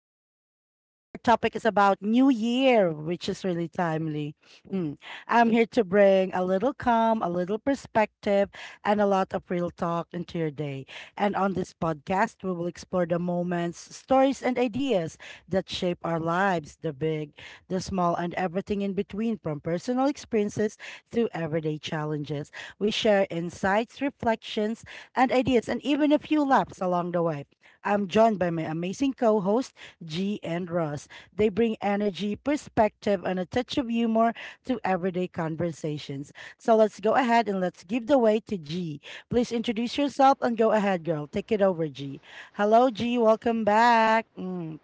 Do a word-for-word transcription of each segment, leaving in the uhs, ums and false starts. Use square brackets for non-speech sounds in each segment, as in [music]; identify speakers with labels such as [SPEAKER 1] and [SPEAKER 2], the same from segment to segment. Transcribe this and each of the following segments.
[SPEAKER 1] with Lisa. Our topic is about New Year, which is really timely. Hmm. I'm here to bring a little calm, a little perspective, and a lot of real talk into your day. And on this podcast, we will explore the moments, stories, and ideas that shape our lives, the big, the small, and everything in between, from personal experiences to everyday challenges. We share insights, reflections, and ideas, and even a few laps along the way. I'm joined by my amazing co hosts, G and Ross. They bring energy, perspective, and a touch of humor to everyday conversations. So let's go ahead and let's give the way to G. Please introduce yourself and go ahead, girl. Take it over, G. Hello, G. Welcome back. Mm,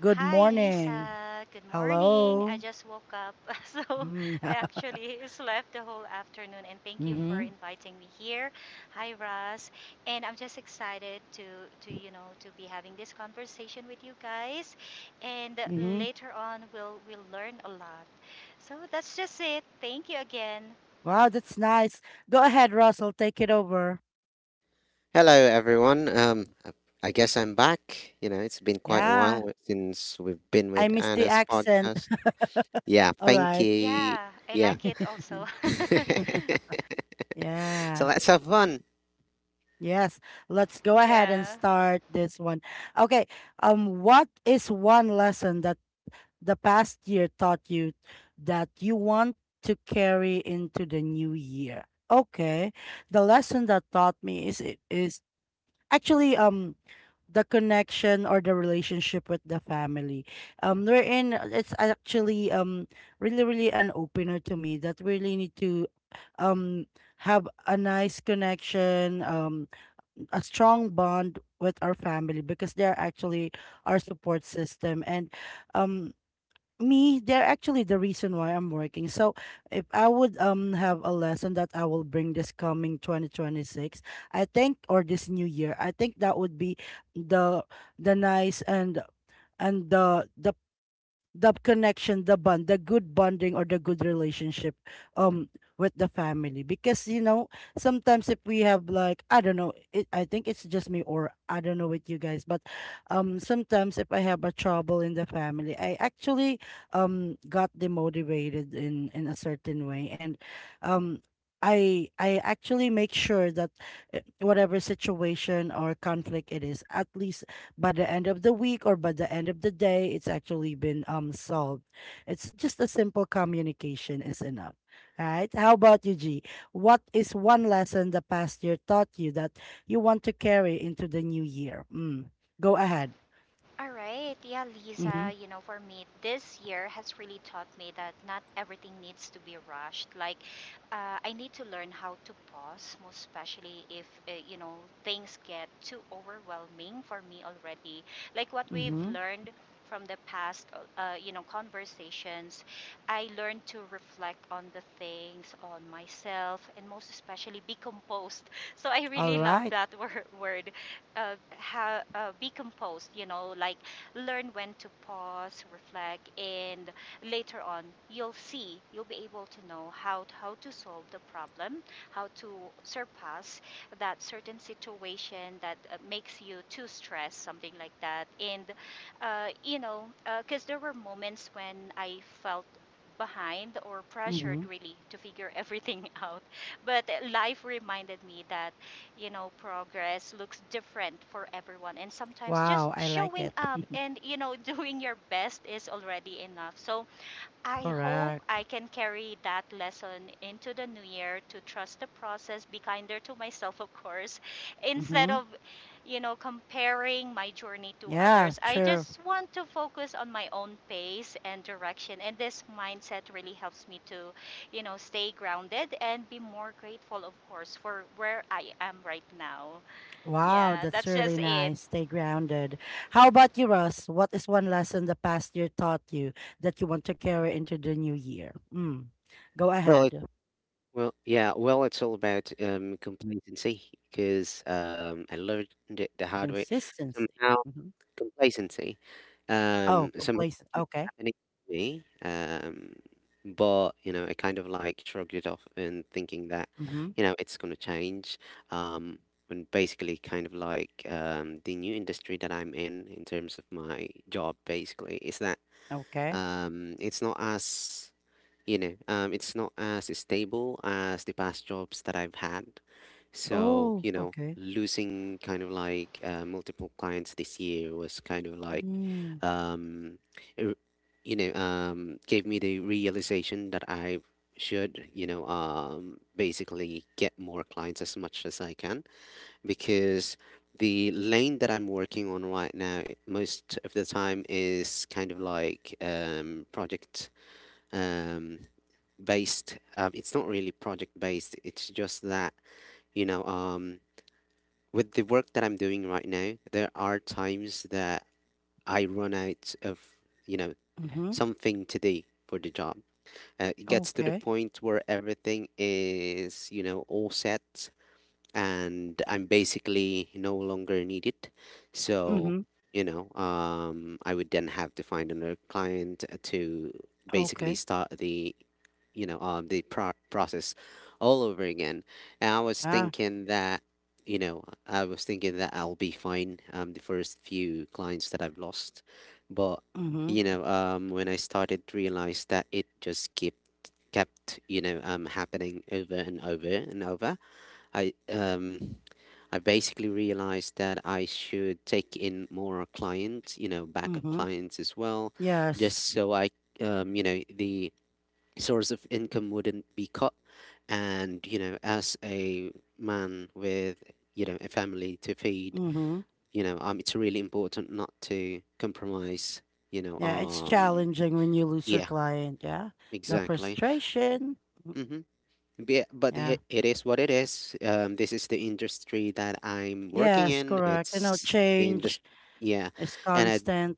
[SPEAKER 1] Good
[SPEAKER 2] Hi,
[SPEAKER 1] morning.
[SPEAKER 2] Lisa. Good morning. I
[SPEAKER 1] Hello.
[SPEAKER 2] just woke up, [laughs] so
[SPEAKER 1] Mm.
[SPEAKER 2] I
[SPEAKER 1] [laughs]
[SPEAKER 2] actually slept the whole afternoon. And thank you for
[SPEAKER 1] Mm-hmm.
[SPEAKER 2] inviting me here. Hi, Russ. And I'm just excited to to you know to be having this conversation with you guys. And
[SPEAKER 1] Mm-hmm.
[SPEAKER 2] later on, we'll we'll learn a lot. So that's just it. Thank you again.
[SPEAKER 1] Wow, that's nice. Go ahead, Russell. Take it over.
[SPEAKER 3] Hello, everyone. Um, I I guess I'm back. You know, it's been quite a
[SPEAKER 1] Yeah.
[SPEAKER 3] while since we've been
[SPEAKER 1] I
[SPEAKER 3] with
[SPEAKER 1] miss the
[SPEAKER 3] Anna's
[SPEAKER 1] accent.
[SPEAKER 3] podcast.
[SPEAKER 1] [laughs]
[SPEAKER 3] Yeah,
[SPEAKER 1] All
[SPEAKER 3] thank
[SPEAKER 1] right.
[SPEAKER 3] you.
[SPEAKER 2] Yeah, I
[SPEAKER 3] Yeah.
[SPEAKER 2] like it also.
[SPEAKER 1] [laughs]
[SPEAKER 3] [laughs]
[SPEAKER 2] [laughs]
[SPEAKER 3] So
[SPEAKER 1] Yeah.
[SPEAKER 3] let's have fun.
[SPEAKER 1] Yes. Let's go ahead and
[SPEAKER 2] Yeah.
[SPEAKER 1] start this one. Okay. Um, what is one lesson that the past year taught you that you want to carry into the new year? Okay. The lesson that taught me is is actually, um the connection or the relationship with the family um we're in. It's actually, um really really an opener to me that we really need to, um have a nice connection, um a strong bond with our family, because they're actually our support system. And, um me, they're actually the reason why I'm working. So if I would, um have a lesson that I will bring this coming twenty twenty-six, I think, or this new year, I think that would be the the nice, and and the the the connection, the bond, the good bonding or the good relationship, um with the family. Because you know, sometimes if we have like, I don't know, it, I think it's just me, or I don't know with you guys, but um sometimes if I have a trouble in the family, I actually, um got demotivated in in a certain way. And, um I I actually make sure that, uh, whatever situation or conflict it is, at least by the end of the week or by the end of the day, it's actually been, um solved. It's just a simple communication is enough. Right? How about you, G? What is one lesson the past year taught you that you want to carry into the new year? Mm. Go ahead.
[SPEAKER 2] All right. Yeah,
[SPEAKER 1] Mm-hmm.
[SPEAKER 2] Lisa, you know, for me, this year has really taught me that not everything needs to be rushed. Like, uh, I need to learn how to pause, most especially if, uh, you know, things get too overwhelming for me already. Like, what we've
[SPEAKER 1] Mm-hmm.
[SPEAKER 2] learned from the past, uh, you know, conversations, I learned to reflect on the things, on myself, and most especially be composed. [laughs] So I
[SPEAKER 1] All
[SPEAKER 2] really love
[SPEAKER 1] right.
[SPEAKER 2] that [laughs] wor- word uh, ha- uh, be composed, you know, like learn when to pause, reflect, and later on you'll see, you'll be able to know how, how to solve the problem, how to surpass that certain situation that uh, makes you too stressed, something like that. And, uh, you know, because uh, There were moments when I felt behind or pressured
[SPEAKER 1] Mm-hmm.
[SPEAKER 2] really to figure everything [laughs] out. But life reminded me that you know, progress looks different for everyone. And sometimes just
[SPEAKER 1] Wow, I like
[SPEAKER 2] showing
[SPEAKER 1] it.
[SPEAKER 2] up
[SPEAKER 1] [laughs]
[SPEAKER 2] and, you know, [laughs] doing your best is already enough. So I hope
[SPEAKER 1] Correct.
[SPEAKER 2] I can carry that lesson into the new year to trust the process, be kinder to myself, of course, [laughs] instead
[SPEAKER 1] Mm-hmm.
[SPEAKER 2] of, you know, comparing my journey to
[SPEAKER 1] Yeah,
[SPEAKER 2] others. I
[SPEAKER 1] true.
[SPEAKER 2] just want to focus on my own pace and direction. And this mindset really helps me to, you know, stay grounded and be more grateful, of course, for where I am right now.
[SPEAKER 1] Wow,
[SPEAKER 2] Yeah,
[SPEAKER 1] that's
[SPEAKER 2] that's
[SPEAKER 1] really
[SPEAKER 2] just it.
[SPEAKER 1] nice. Stay grounded. How about you, Russ? What is one lesson the past year taught you that you want to carry into the new year? Mm. Go
[SPEAKER 3] Well, it,
[SPEAKER 1] ahead.
[SPEAKER 3] well, yeah. Well, it's all about um complacency because um I learned it the hard way.
[SPEAKER 1] Consistency.
[SPEAKER 3] Somehow
[SPEAKER 1] Hmm.
[SPEAKER 3] Complacency,
[SPEAKER 1] Oh,
[SPEAKER 3] um, somehow
[SPEAKER 1] complacent.
[SPEAKER 3] it kept
[SPEAKER 1] Okay.
[SPEAKER 3] happening to me, um, but, you know, I kind of, like, shrugged it off and thinking that,
[SPEAKER 1] Mm-hmm.
[SPEAKER 3] you know, it's gonna change, um, and basically kind of like, um, the new industry that I'm in, in terms of my job, basically, is that,
[SPEAKER 1] Okay.
[SPEAKER 3] um, it's not as, you know, um, it's not as stable as the past jobs that I've had, so,
[SPEAKER 1] Oh,
[SPEAKER 3] you know,
[SPEAKER 1] okay.
[SPEAKER 3] losing kind of like uh, multiple clients this year was kind of like,
[SPEAKER 1] Mm.
[SPEAKER 3] um, it- you know, um, gave me the realization that I should, you know, um, basically get more clients as much as I can because the lane that I'm working on right now, it- most of the time is kind of like um, project um, based. Um, it's not really project based, it's just that, you know, um, with the work that I'm doing right now, there are times that I run out of, you know,
[SPEAKER 1] Mm-hmm.
[SPEAKER 3] something to do for the job. Uh, it gets to the
[SPEAKER 1] Okay.
[SPEAKER 3] point where everything is, you know, all set and I'm basically no longer needed. So,
[SPEAKER 1] Mm-hmm.
[SPEAKER 3] you know, um, I would then have to find another client to basically
[SPEAKER 1] Okay.
[SPEAKER 3] start the you know um, the pro- process all over again, and I was
[SPEAKER 1] Yeah.
[SPEAKER 3] thinking that, you know, I was thinking that I'll be fine. Um, the first few clients that I've lost, but
[SPEAKER 1] Mm-hmm.
[SPEAKER 3] you know, um, when I started to realize that it just kept kept you know um, happening over and over and over, i um, I basically realized that I should take in more clients, you know, backup
[SPEAKER 1] Mm-hmm.
[SPEAKER 3] clients as well,
[SPEAKER 1] Yes.
[SPEAKER 3] just so I, um, you know, the source of income wouldn't be cut. And you know, as a man with, you know, a family to feed,
[SPEAKER 1] Mm-hmm.
[SPEAKER 3] you know, um it's really important not to compromise, you know
[SPEAKER 1] Yeah, it's
[SPEAKER 3] um
[SPEAKER 1] challenging when you lose your
[SPEAKER 3] yeah,
[SPEAKER 1] client. Yeah. The
[SPEAKER 3] exactly.
[SPEAKER 1] frustration.
[SPEAKER 3] Mm-hmm. Be- but
[SPEAKER 1] Yeah.
[SPEAKER 3] it, it is what it is. Um this is the industry that I'm working
[SPEAKER 1] Yes,
[SPEAKER 3] in.
[SPEAKER 1] correct. You know,
[SPEAKER 3] It's the
[SPEAKER 1] change
[SPEAKER 3] industry. Yeah,
[SPEAKER 1] is
[SPEAKER 3] and I
[SPEAKER 1] constant.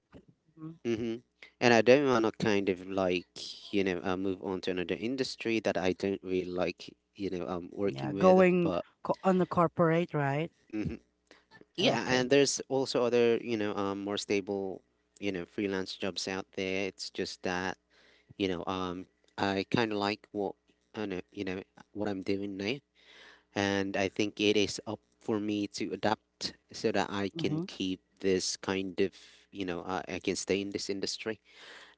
[SPEAKER 1] Mhm.
[SPEAKER 3] Mm-hmm. And I don't want to kind of like, you know, uh, move on to another industry that I don't really like, you know, um,
[SPEAKER 1] Yeah,
[SPEAKER 3] working with.
[SPEAKER 1] going
[SPEAKER 3] But
[SPEAKER 1] co on the corporate, right?
[SPEAKER 3] mhm. Yeah, and
[SPEAKER 1] Okay.
[SPEAKER 3] there's also other, you know, um, more stable, you know, freelance jobs out there. It's just that, you know, um, I kind of like what, I know, you know, what I'm doing now. And I think it is up for me to adapt so that I can
[SPEAKER 1] Mm-hmm.
[SPEAKER 3] keep this kind of, you know, uh, I can stay in this industry.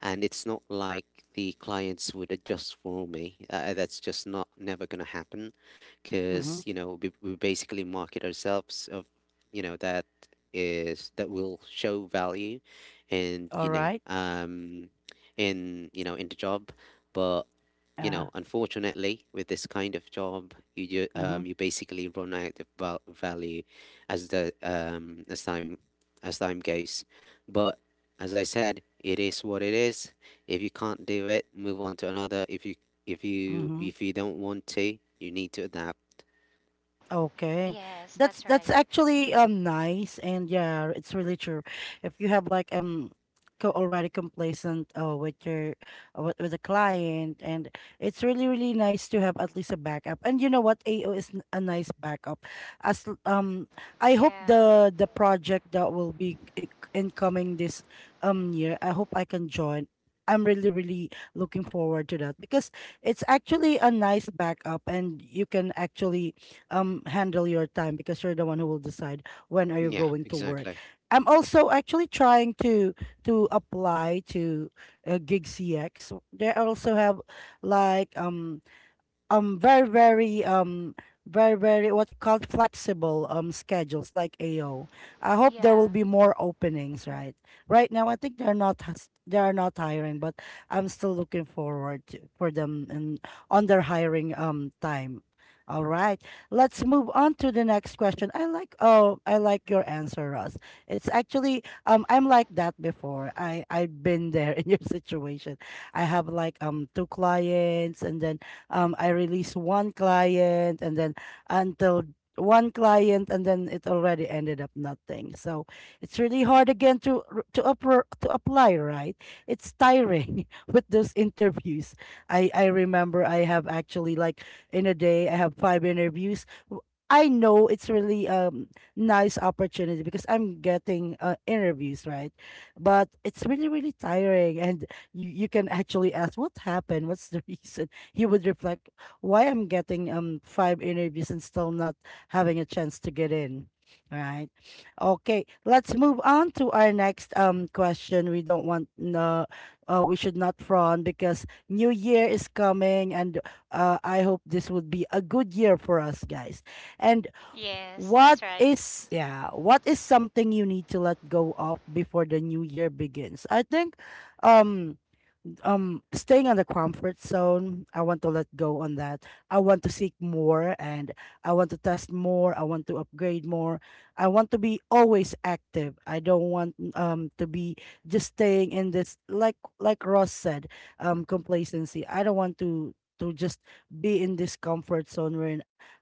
[SPEAKER 3] And it's not like the clients would adjust for me. Uh, that's just not never gonna happen,
[SPEAKER 1] Mm-hmm.
[SPEAKER 3] because you know we, we basically market ourselves of you know that is that will show value, and you
[SPEAKER 1] All
[SPEAKER 3] know
[SPEAKER 1] right.
[SPEAKER 3] um in you know in the job, but you
[SPEAKER 1] Uh,
[SPEAKER 3] know unfortunately with this kind of job you ju-
[SPEAKER 1] mm-hmm.
[SPEAKER 3] um you basically run out of val- value as the um as time as time goes, but as I said, it is what it is. If you can't do it, move on to another. If you if you
[SPEAKER 1] Mm-hmm.
[SPEAKER 3] if you don't want to, you need to adapt.
[SPEAKER 1] Okay.
[SPEAKER 2] Yes,
[SPEAKER 1] That's
[SPEAKER 2] that's
[SPEAKER 1] that's
[SPEAKER 2] right.
[SPEAKER 1] actually, um nice. And yeah, it's really true. If you have like, um co already complacent, uh, with your, uh, with, with a client, and it's really really nice to have at least a backup. And you know what? A O is n- a nice backup. As l- um I hope
[SPEAKER 2] Yeah,
[SPEAKER 1] the the project that will be I- incoming this, um year, I hope I can join. I'm really really looking forward to that, because it's actually a nice backup and you can actually, um handle your time because you're the one who will decide when are you
[SPEAKER 3] Yeah,
[SPEAKER 1] going to work.
[SPEAKER 3] exactly.
[SPEAKER 1] I'm also actually trying to to apply to, uh, Gig C X. They also have like, um um very very um very very, what you call it, flexible, um schedules like A O. I hope there will
[SPEAKER 2] yeah.
[SPEAKER 1] be more openings, right? Right now I think they're not hus- they are not hiring, but I'm still looking forward to, for them in on their hiring, um time. All right. Let's move on to the next question. I like, oh I like your answer, Ross. It's actually, um I'm like that before. I I've been there [laughs] in your situation. I have like, um two clients, and then, um I released one client, and then until one client, and then it already ended up nothing. So it's really hard again to r- to up to apply, right? It's tiring [laughs] with those interviews. I I remember I have actually like, in a day I have five interviews. W- I know it's really, um nice opportunity because I'm getting, uh, interviews, right? But it's really really tiring, and you, you can actually ask what happened, what's the reason he would reflect, why I'm getting, um five interviews and still not having a chance to get in. Right. Okay, let's move on to our next, um question. We don't want no, uh, we should not frown because new year is coming, and uh, I hope this would be a good year for us guys. And
[SPEAKER 2] Yes,
[SPEAKER 1] what
[SPEAKER 2] that's right.
[SPEAKER 1] is, yeah, what is something you need to let go of before the new year begins? I think, um um staying on the comfort zone, I want to let go on that. I want to seek more, and I want to test more, I want to upgrade more, I want to be always active, I don't want, um to be just staying in this, like like Ross said, um complacency. I don't want to to just be in this comfort zone where,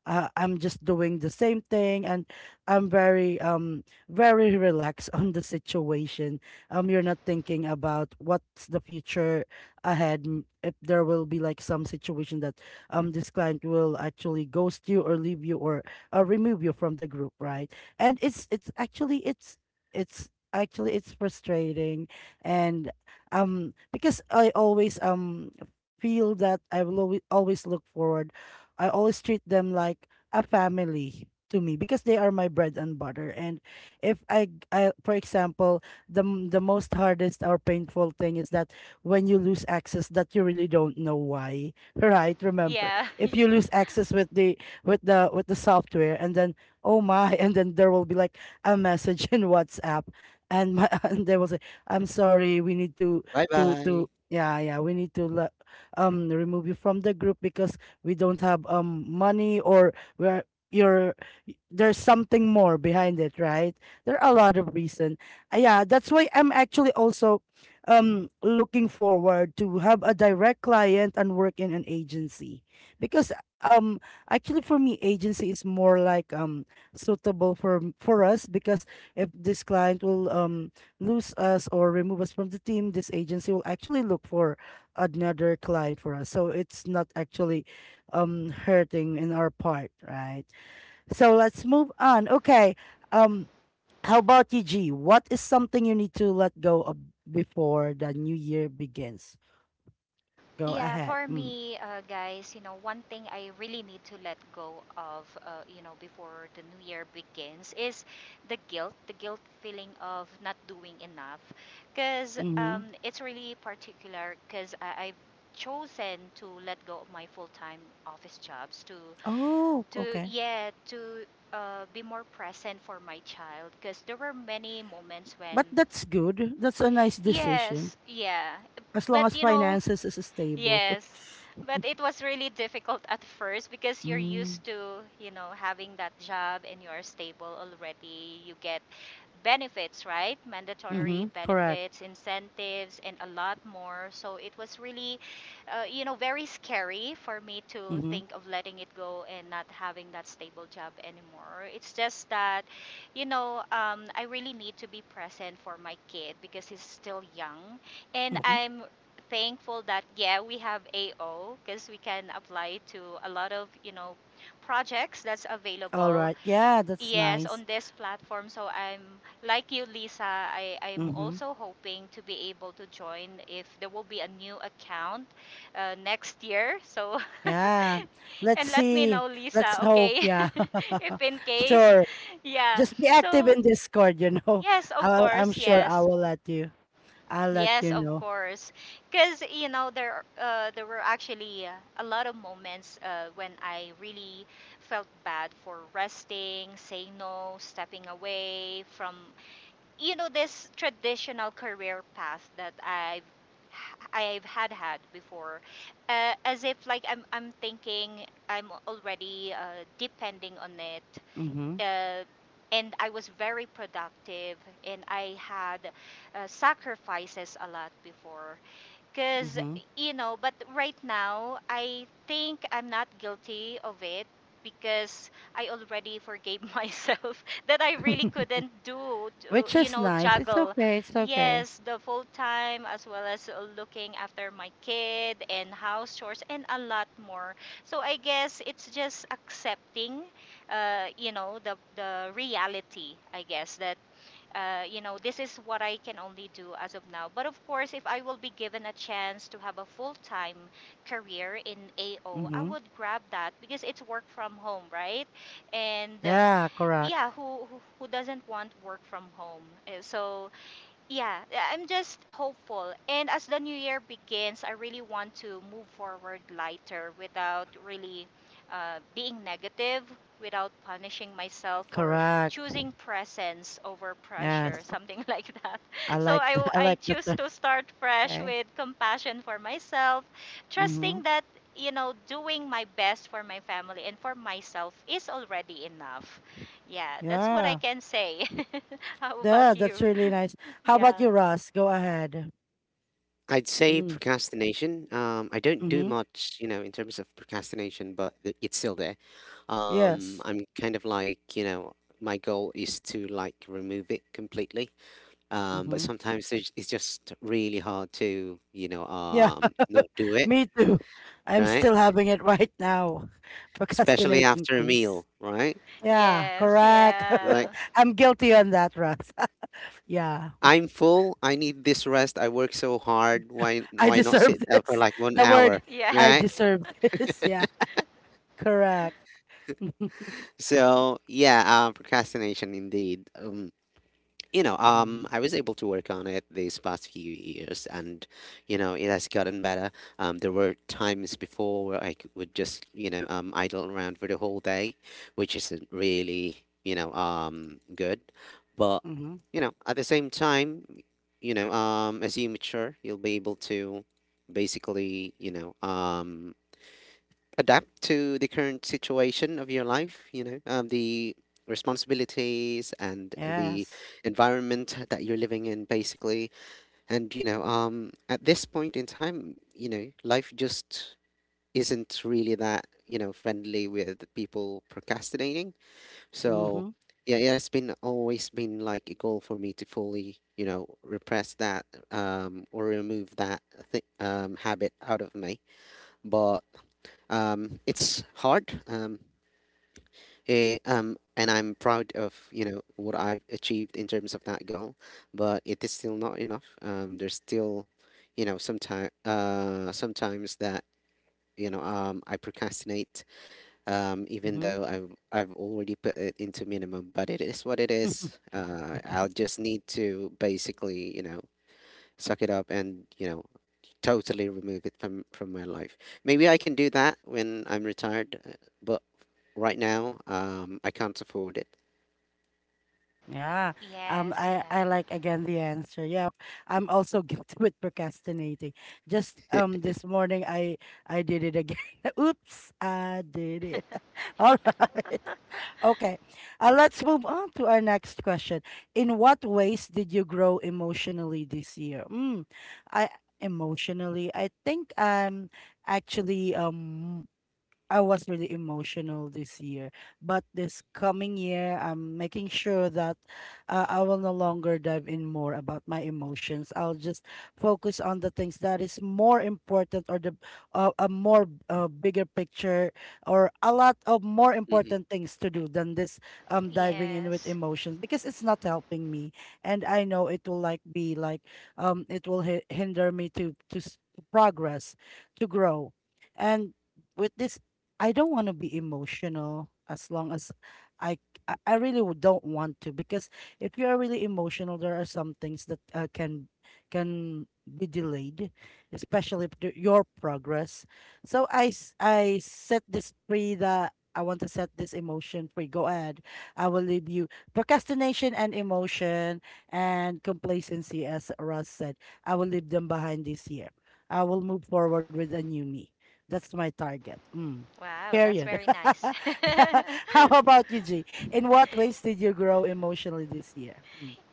[SPEAKER 1] uh, I'm just doing the same thing, and I'm very, um very relaxed [laughs] on the situation. Um you're not thinking about what's the future ahead. M- If there will be like some situation that, um this client will actually ghost you or leave you, or uh, remove you from the group, right? And it's it's actually, it's it's actually it's frustrating. And, um because I always, um feel that I will always always look forward, I always treat them like a family to me because they are my bread and butter. And if I I for example, the m- the most hardest or painful thing is that when you lose access that you really don't know why, right? Remember
[SPEAKER 2] Yeah,
[SPEAKER 1] if
[SPEAKER 2] [laughs]
[SPEAKER 1] you
[SPEAKER 2] yeah.
[SPEAKER 1] lose access with the with the with the software, and then, oh my, [laughs] and then there will be like a message in WhatsApp, and my, [laughs] and they will say, I'm sorry, we need to
[SPEAKER 3] Bye
[SPEAKER 1] to
[SPEAKER 3] bye.
[SPEAKER 1] to yeah, yeah, we need to le- um remove you from the group, because we don't have, um money, or we're, you're, y- there's something more behind it, right? There are a lot of reason. Uh, yeah, that's why I'm actually also, um looking forward to have a direct client and work in an agency, because, um actually for me, agency is more like, um suitable for m- for us, because if this client will, um lose us or remove us from the team, this agency will actually look for another client for us. So it's not actually, um hurting in our part, right? So let's move on. Okay, um how about you, G? What is something you need to let go of before the new year begins? Go
[SPEAKER 2] Yeah,
[SPEAKER 1] ahead.
[SPEAKER 2] for
[SPEAKER 1] Mm.
[SPEAKER 2] me, uh, guys, you know, one thing I really need to let go of, uh, you know, before the new year begins is the guilt, the guilt feeling of not doing enough. Because
[SPEAKER 1] Mm-hmm.
[SPEAKER 2] um, It's really particular because I've chosen to let go of my full-time office jobs to,
[SPEAKER 1] Oh,
[SPEAKER 2] to
[SPEAKER 1] okay.
[SPEAKER 2] yeah, to uh, be more present for my child. Because there were many moments when,
[SPEAKER 1] But that's good. That's a nice
[SPEAKER 2] yeah,
[SPEAKER 1] decision.
[SPEAKER 2] yeah.
[SPEAKER 1] As long
[SPEAKER 2] But
[SPEAKER 1] as
[SPEAKER 2] you know,
[SPEAKER 1] finances is stable. [laughs]
[SPEAKER 2] yes, but it was really difficult at first because you're
[SPEAKER 1] Mm.
[SPEAKER 2] used to, you know, having that job and you are stable already. You get benefits, right? Mandatory
[SPEAKER 1] Mm-hmm. Correct.
[SPEAKER 2] benefits, incentives, and a lot more. So it was really, uh, you know, very scary for me to
[SPEAKER 1] Mm-hmm.
[SPEAKER 2] think of letting it go and not having that stable job anymore. It's just that, you know, um, I really need to be present for my kid because he's still young and
[SPEAKER 1] Mm-hmm.
[SPEAKER 2] I'm thankful that yeah we have A O because we can apply to a lot of you know projects that's
[SPEAKER 1] All
[SPEAKER 2] available
[SPEAKER 1] right. Yeah, that's
[SPEAKER 2] yes
[SPEAKER 1] nice.
[SPEAKER 2] on this platform. So I'm like you, Lisa, I I'm
[SPEAKER 1] Mm-hmm.
[SPEAKER 2] also hoping to be able to join if there will be a new account uh, next year. So
[SPEAKER 1] Yeah.
[SPEAKER 2] [laughs] and
[SPEAKER 1] Let's
[SPEAKER 2] let me
[SPEAKER 1] see.
[SPEAKER 2] know,
[SPEAKER 1] Let's
[SPEAKER 2] Lisa,
[SPEAKER 1] hope.
[SPEAKER 2] okay?
[SPEAKER 1] Yeah.
[SPEAKER 2] [laughs] If
[SPEAKER 1] [laughs]
[SPEAKER 2] in case,
[SPEAKER 1] Sure.
[SPEAKER 2] yeah,
[SPEAKER 1] Just be active
[SPEAKER 2] so
[SPEAKER 1] in Discord, you know.
[SPEAKER 2] yes
[SPEAKER 1] [laughs]
[SPEAKER 2] of
[SPEAKER 1] I'll, I'm
[SPEAKER 2] course,
[SPEAKER 1] sure I
[SPEAKER 2] yes.
[SPEAKER 1] will let you. I'll let
[SPEAKER 2] Yes,
[SPEAKER 1] you
[SPEAKER 2] of
[SPEAKER 1] know.
[SPEAKER 2] course. Because, you know, there uh, there were actually uh, a lot of moments uh, when I really felt bad for resting, saying no, stepping away from, you know, this traditional career path that I've I've had had before, uh, as if like I'm I'm thinking I'm already uh, depending on it,
[SPEAKER 1] Mm-hmm.
[SPEAKER 2] uh, and I was very productive, and I had uh, sacrifices a lot before. Because,
[SPEAKER 1] Mm-hmm.
[SPEAKER 2] you know, but right now, I think I'm not guilty of it because I already forgave [laughs] myself that I really
[SPEAKER 1] [laughs]
[SPEAKER 2] couldn't do, to,
[SPEAKER 1] Which
[SPEAKER 2] you
[SPEAKER 1] is
[SPEAKER 2] know,
[SPEAKER 1] nice. It's
[SPEAKER 2] juggle.
[SPEAKER 1] okay. It's okay.
[SPEAKER 2] Yes, the full time as well as uh, looking after my kid and house chores and a lot more. So I guess it's just accepting, uh, you know, the, the reality, I guess, that uh, you know, this is what I can only do as of now. But of course, if I will be given a chance to have a full time career in A O, I
[SPEAKER 1] Mm-hmm.
[SPEAKER 2] would grab that because it's work from home, right? And uh,
[SPEAKER 1] Yeah, correct.
[SPEAKER 2] yeah, who, who who doesn't want work from home? Uh, So yeah, I- am just hopeful. And as the new year begins, I really want to move forward lighter without really uh, being negative, without punishing myself for
[SPEAKER 1] Correct.
[SPEAKER 2] choosing presence over pressure,
[SPEAKER 1] Yes.
[SPEAKER 2] something [laughs] like that.
[SPEAKER 1] I
[SPEAKER 2] So
[SPEAKER 1] like
[SPEAKER 2] I,
[SPEAKER 1] the,
[SPEAKER 2] w-
[SPEAKER 1] [laughs] I
[SPEAKER 2] I
[SPEAKER 1] like the
[SPEAKER 2] choose
[SPEAKER 1] term.
[SPEAKER 2] to start fresh
[SPEAKER 1] Okay.
[SPEAKER 2] with compassion for myself,
[SPEAKER 1] Mm-hmm.
[SPEAKER 2] trusting that, you know, doing my best for my family and for myself is already enough. Yeah, that's what I
[SPEAKER 1] Yeah.
[SPEAKER 2] can say. [laughs] How
[SPEAKER 1] Yeah,
[SPEAKER 2] about
[SPEAKER 1] that's
[SPEAKER 2] you?
[SPEAKER 1] really nice. How about
[SPEAKER 2] Yeah.
[SPEAKER 1] you, Ross? Go ahead.
[SPEAKER 3] I'd say
[SPEAKER 1] Hmm.
[SPEAKER 3] procrastination. Um, I don't do
[SPEAKER 1] Mm-hmm.
[SPEAKER 3] much, you know, in terms of procrastination, but th- it's still there. Um,
[SPEAKER 1] Yes.
[SPEAKER 3] I'm kind of like, you know, my goal is to like remove it completely. Um, but
[SPEAKER 1] Mm-hmm.
[SPEAKER 3] sometimes there's- it's just really hard to, you know,
[SPEAKER 1] Yeah.
[SPEAKER 3] um, not
[SPEAKER 1] [laughs]
[SPEAKER 3] do it,
[SPEAKER 1] Me too. I'm
[SPEAKER 3] right?
[SPEAKER 1] still having it right now, [laughs]
[SPEAKER 3] Especially
[SPEAKER 1] procrastinating
[SPEAKER 3] after a
[SPEAKER 1] things.
[SPEAKER 3] meal, right?
[SPEAKER 1] Yeah,
[SPEAKER 2] Yes.
[SPEAKER 1] correct.
[SPEAKER 2] Yeah.
[SPEAKER 3] Like
[SPEAKER 1] [laughs] I'm guilty on that, Russ. [laughs] Yeah.
[SPEAKER 3] I'm full. I need this rest. I work so hard. Why
[SPEAKER 1] I
[SPEAKER 3] why not
[SPEAKER 1] deserve
[SPEAKER 3] sit
[SPEAKER 1] [laughs]
[SPEAKER 3] down for
[SPEAKER 1] this.
[SPEAKER 3] like one
[SPEAKER 1] The word,
[SPEAKER 3] hour?
[SPEAKER 2] Yeah.
[SPEAKER 1] I
[SPEAKER 3] Right?
[SPEAKER 1] deserve this. [laughs] Yeah, correct. [laughs]
[SPEAKER 3] So yeah, um, procrastination indeed. Um, you know, um,
[SPEAKER 1] Mm-hmm.
[SPEAKER 3] I was able to work on it these past few years, and you know, it has gotten better. Um, there were times before where I c- would just, you know, um, idle around for the whole day, which isn't really, you know, um, good. But you know, at the same time, you know, um, as you mature, you'll be able to basically, you know, um, adapt to the current situation of your life, you know, um, the responsibilities and the
[SPEAKER 1] Yes.
[SPEAKER 3] environment that you're living in, basically. And, you know, um, at this point in time, you know, life just isn't really that, you know, friendly with people procrastinating. So,
[SPEAKER 1] Mm-hmm.
[SPEAKER 3] yeah, yeah, it's been always been like a goal for me to fully, you know, repress that um, or remove that th- um, habit out of me. But um, it's hard, um, eh, um, and I'm proud of you know what I've achieved in terms of that goal, but it is still not enough. Um, there's still, you know, sometimes uh, sometimes that you know um, I procrastinate, um, even
[SPEAKER 1] Mm-hmm.
[SPEAKER 3] though I've I've already put it into minimum. But it is what it is. Uh,
[SPEAKER 1] [laughs]
[SPEAKER 3] I'll just need to basically you know suck it up and you know totally remove it from from my life. Maybe I can do that when I'm retired, uh, but. Right now, um, I can't afford it.
[SPEAKER 1] Yeah. Um
[SPEAKER 2] Yes,
[SPEAKER 1] I
[SPEAKER 2] yeah.
[SPEAKER 1] I like again the answer. Yep. I'm also [laughs] guilty with procrastinating. Just, um this morning I I did it again. [laughs] Oops, I did it.
[SPEAKER 2] [laughs]
[SPEAKER 1] [laughs] All
[SPEAKER 2] Yeah.
[SPEAKER 1] right. Okay. Uh, let's move on to our next question. In what ways did you grow emotionally this year? Mm, I, emotionally, I think I'm actually, um I was really emotional this year, but this coming year, I'm making sure that, uh, I will no longer dive in more about my emotions. I'll just focus on the things that is more important or the uh, a more uh, bigger picture or a lot of more
[SPEAKER 3] Mhm,
[SPEAKER 1] important things to do than this um diving in with
[SPEAKER 2] Yes.
[SPEAKER 1] emotions because it's not helping me, and I know it will like be like um it will hi- hinder me to to s- to progress, to grow, and with this I don't want to be emotional as long as I I I really w- don't want to because if you are really emotional, there are some things that uh, can can be delayed, especially if the- your progress. So I s- I set this free that I want to set this emotion free. Go ahead. I will leave you procrastination and emotion and complacency, as Russ said. I will leave them behind this year. I will move forward with a new me. That's my target. Mm.
[SPEAKER 2] Wow, that's
[SPEAKER 1] Period.
[SPEAKER 2] very nice.
[SPEAKER 1] [laughs]
[SPEAKER 2] [laughs]
[SPEAKER 1] Yeah. How about you, G? In what ways did you grow emotionally this year?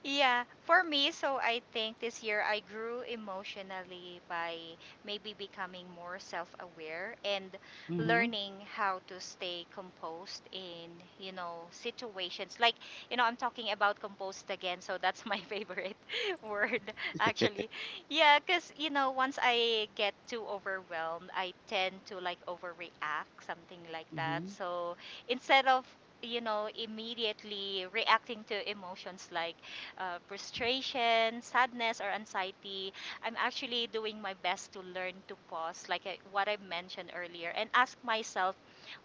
[SPEAKER 2] Yeah, for me, so I think this year I grew emotionally by maybe becoming more self aware and
[SPEAKER 1] Mm. Mhm.
[SPEAKER 2] learning how to stay composed in, you know, situations. Like, you know, I'm talking about composed again, so that's my [laughs] favorite word, actually. Yeah, because, you know, once I get too overwhelmed, I tend to like overreact, something like that.
[SPEAKER 1] Mhm.
[SPEAKER 2] So instead of you know immediately reacting to emotions like uh, frustration, sadness, or anxiety, I'm actually doing my best to learn to pause, like I, what I mentioned earlier, and ask myself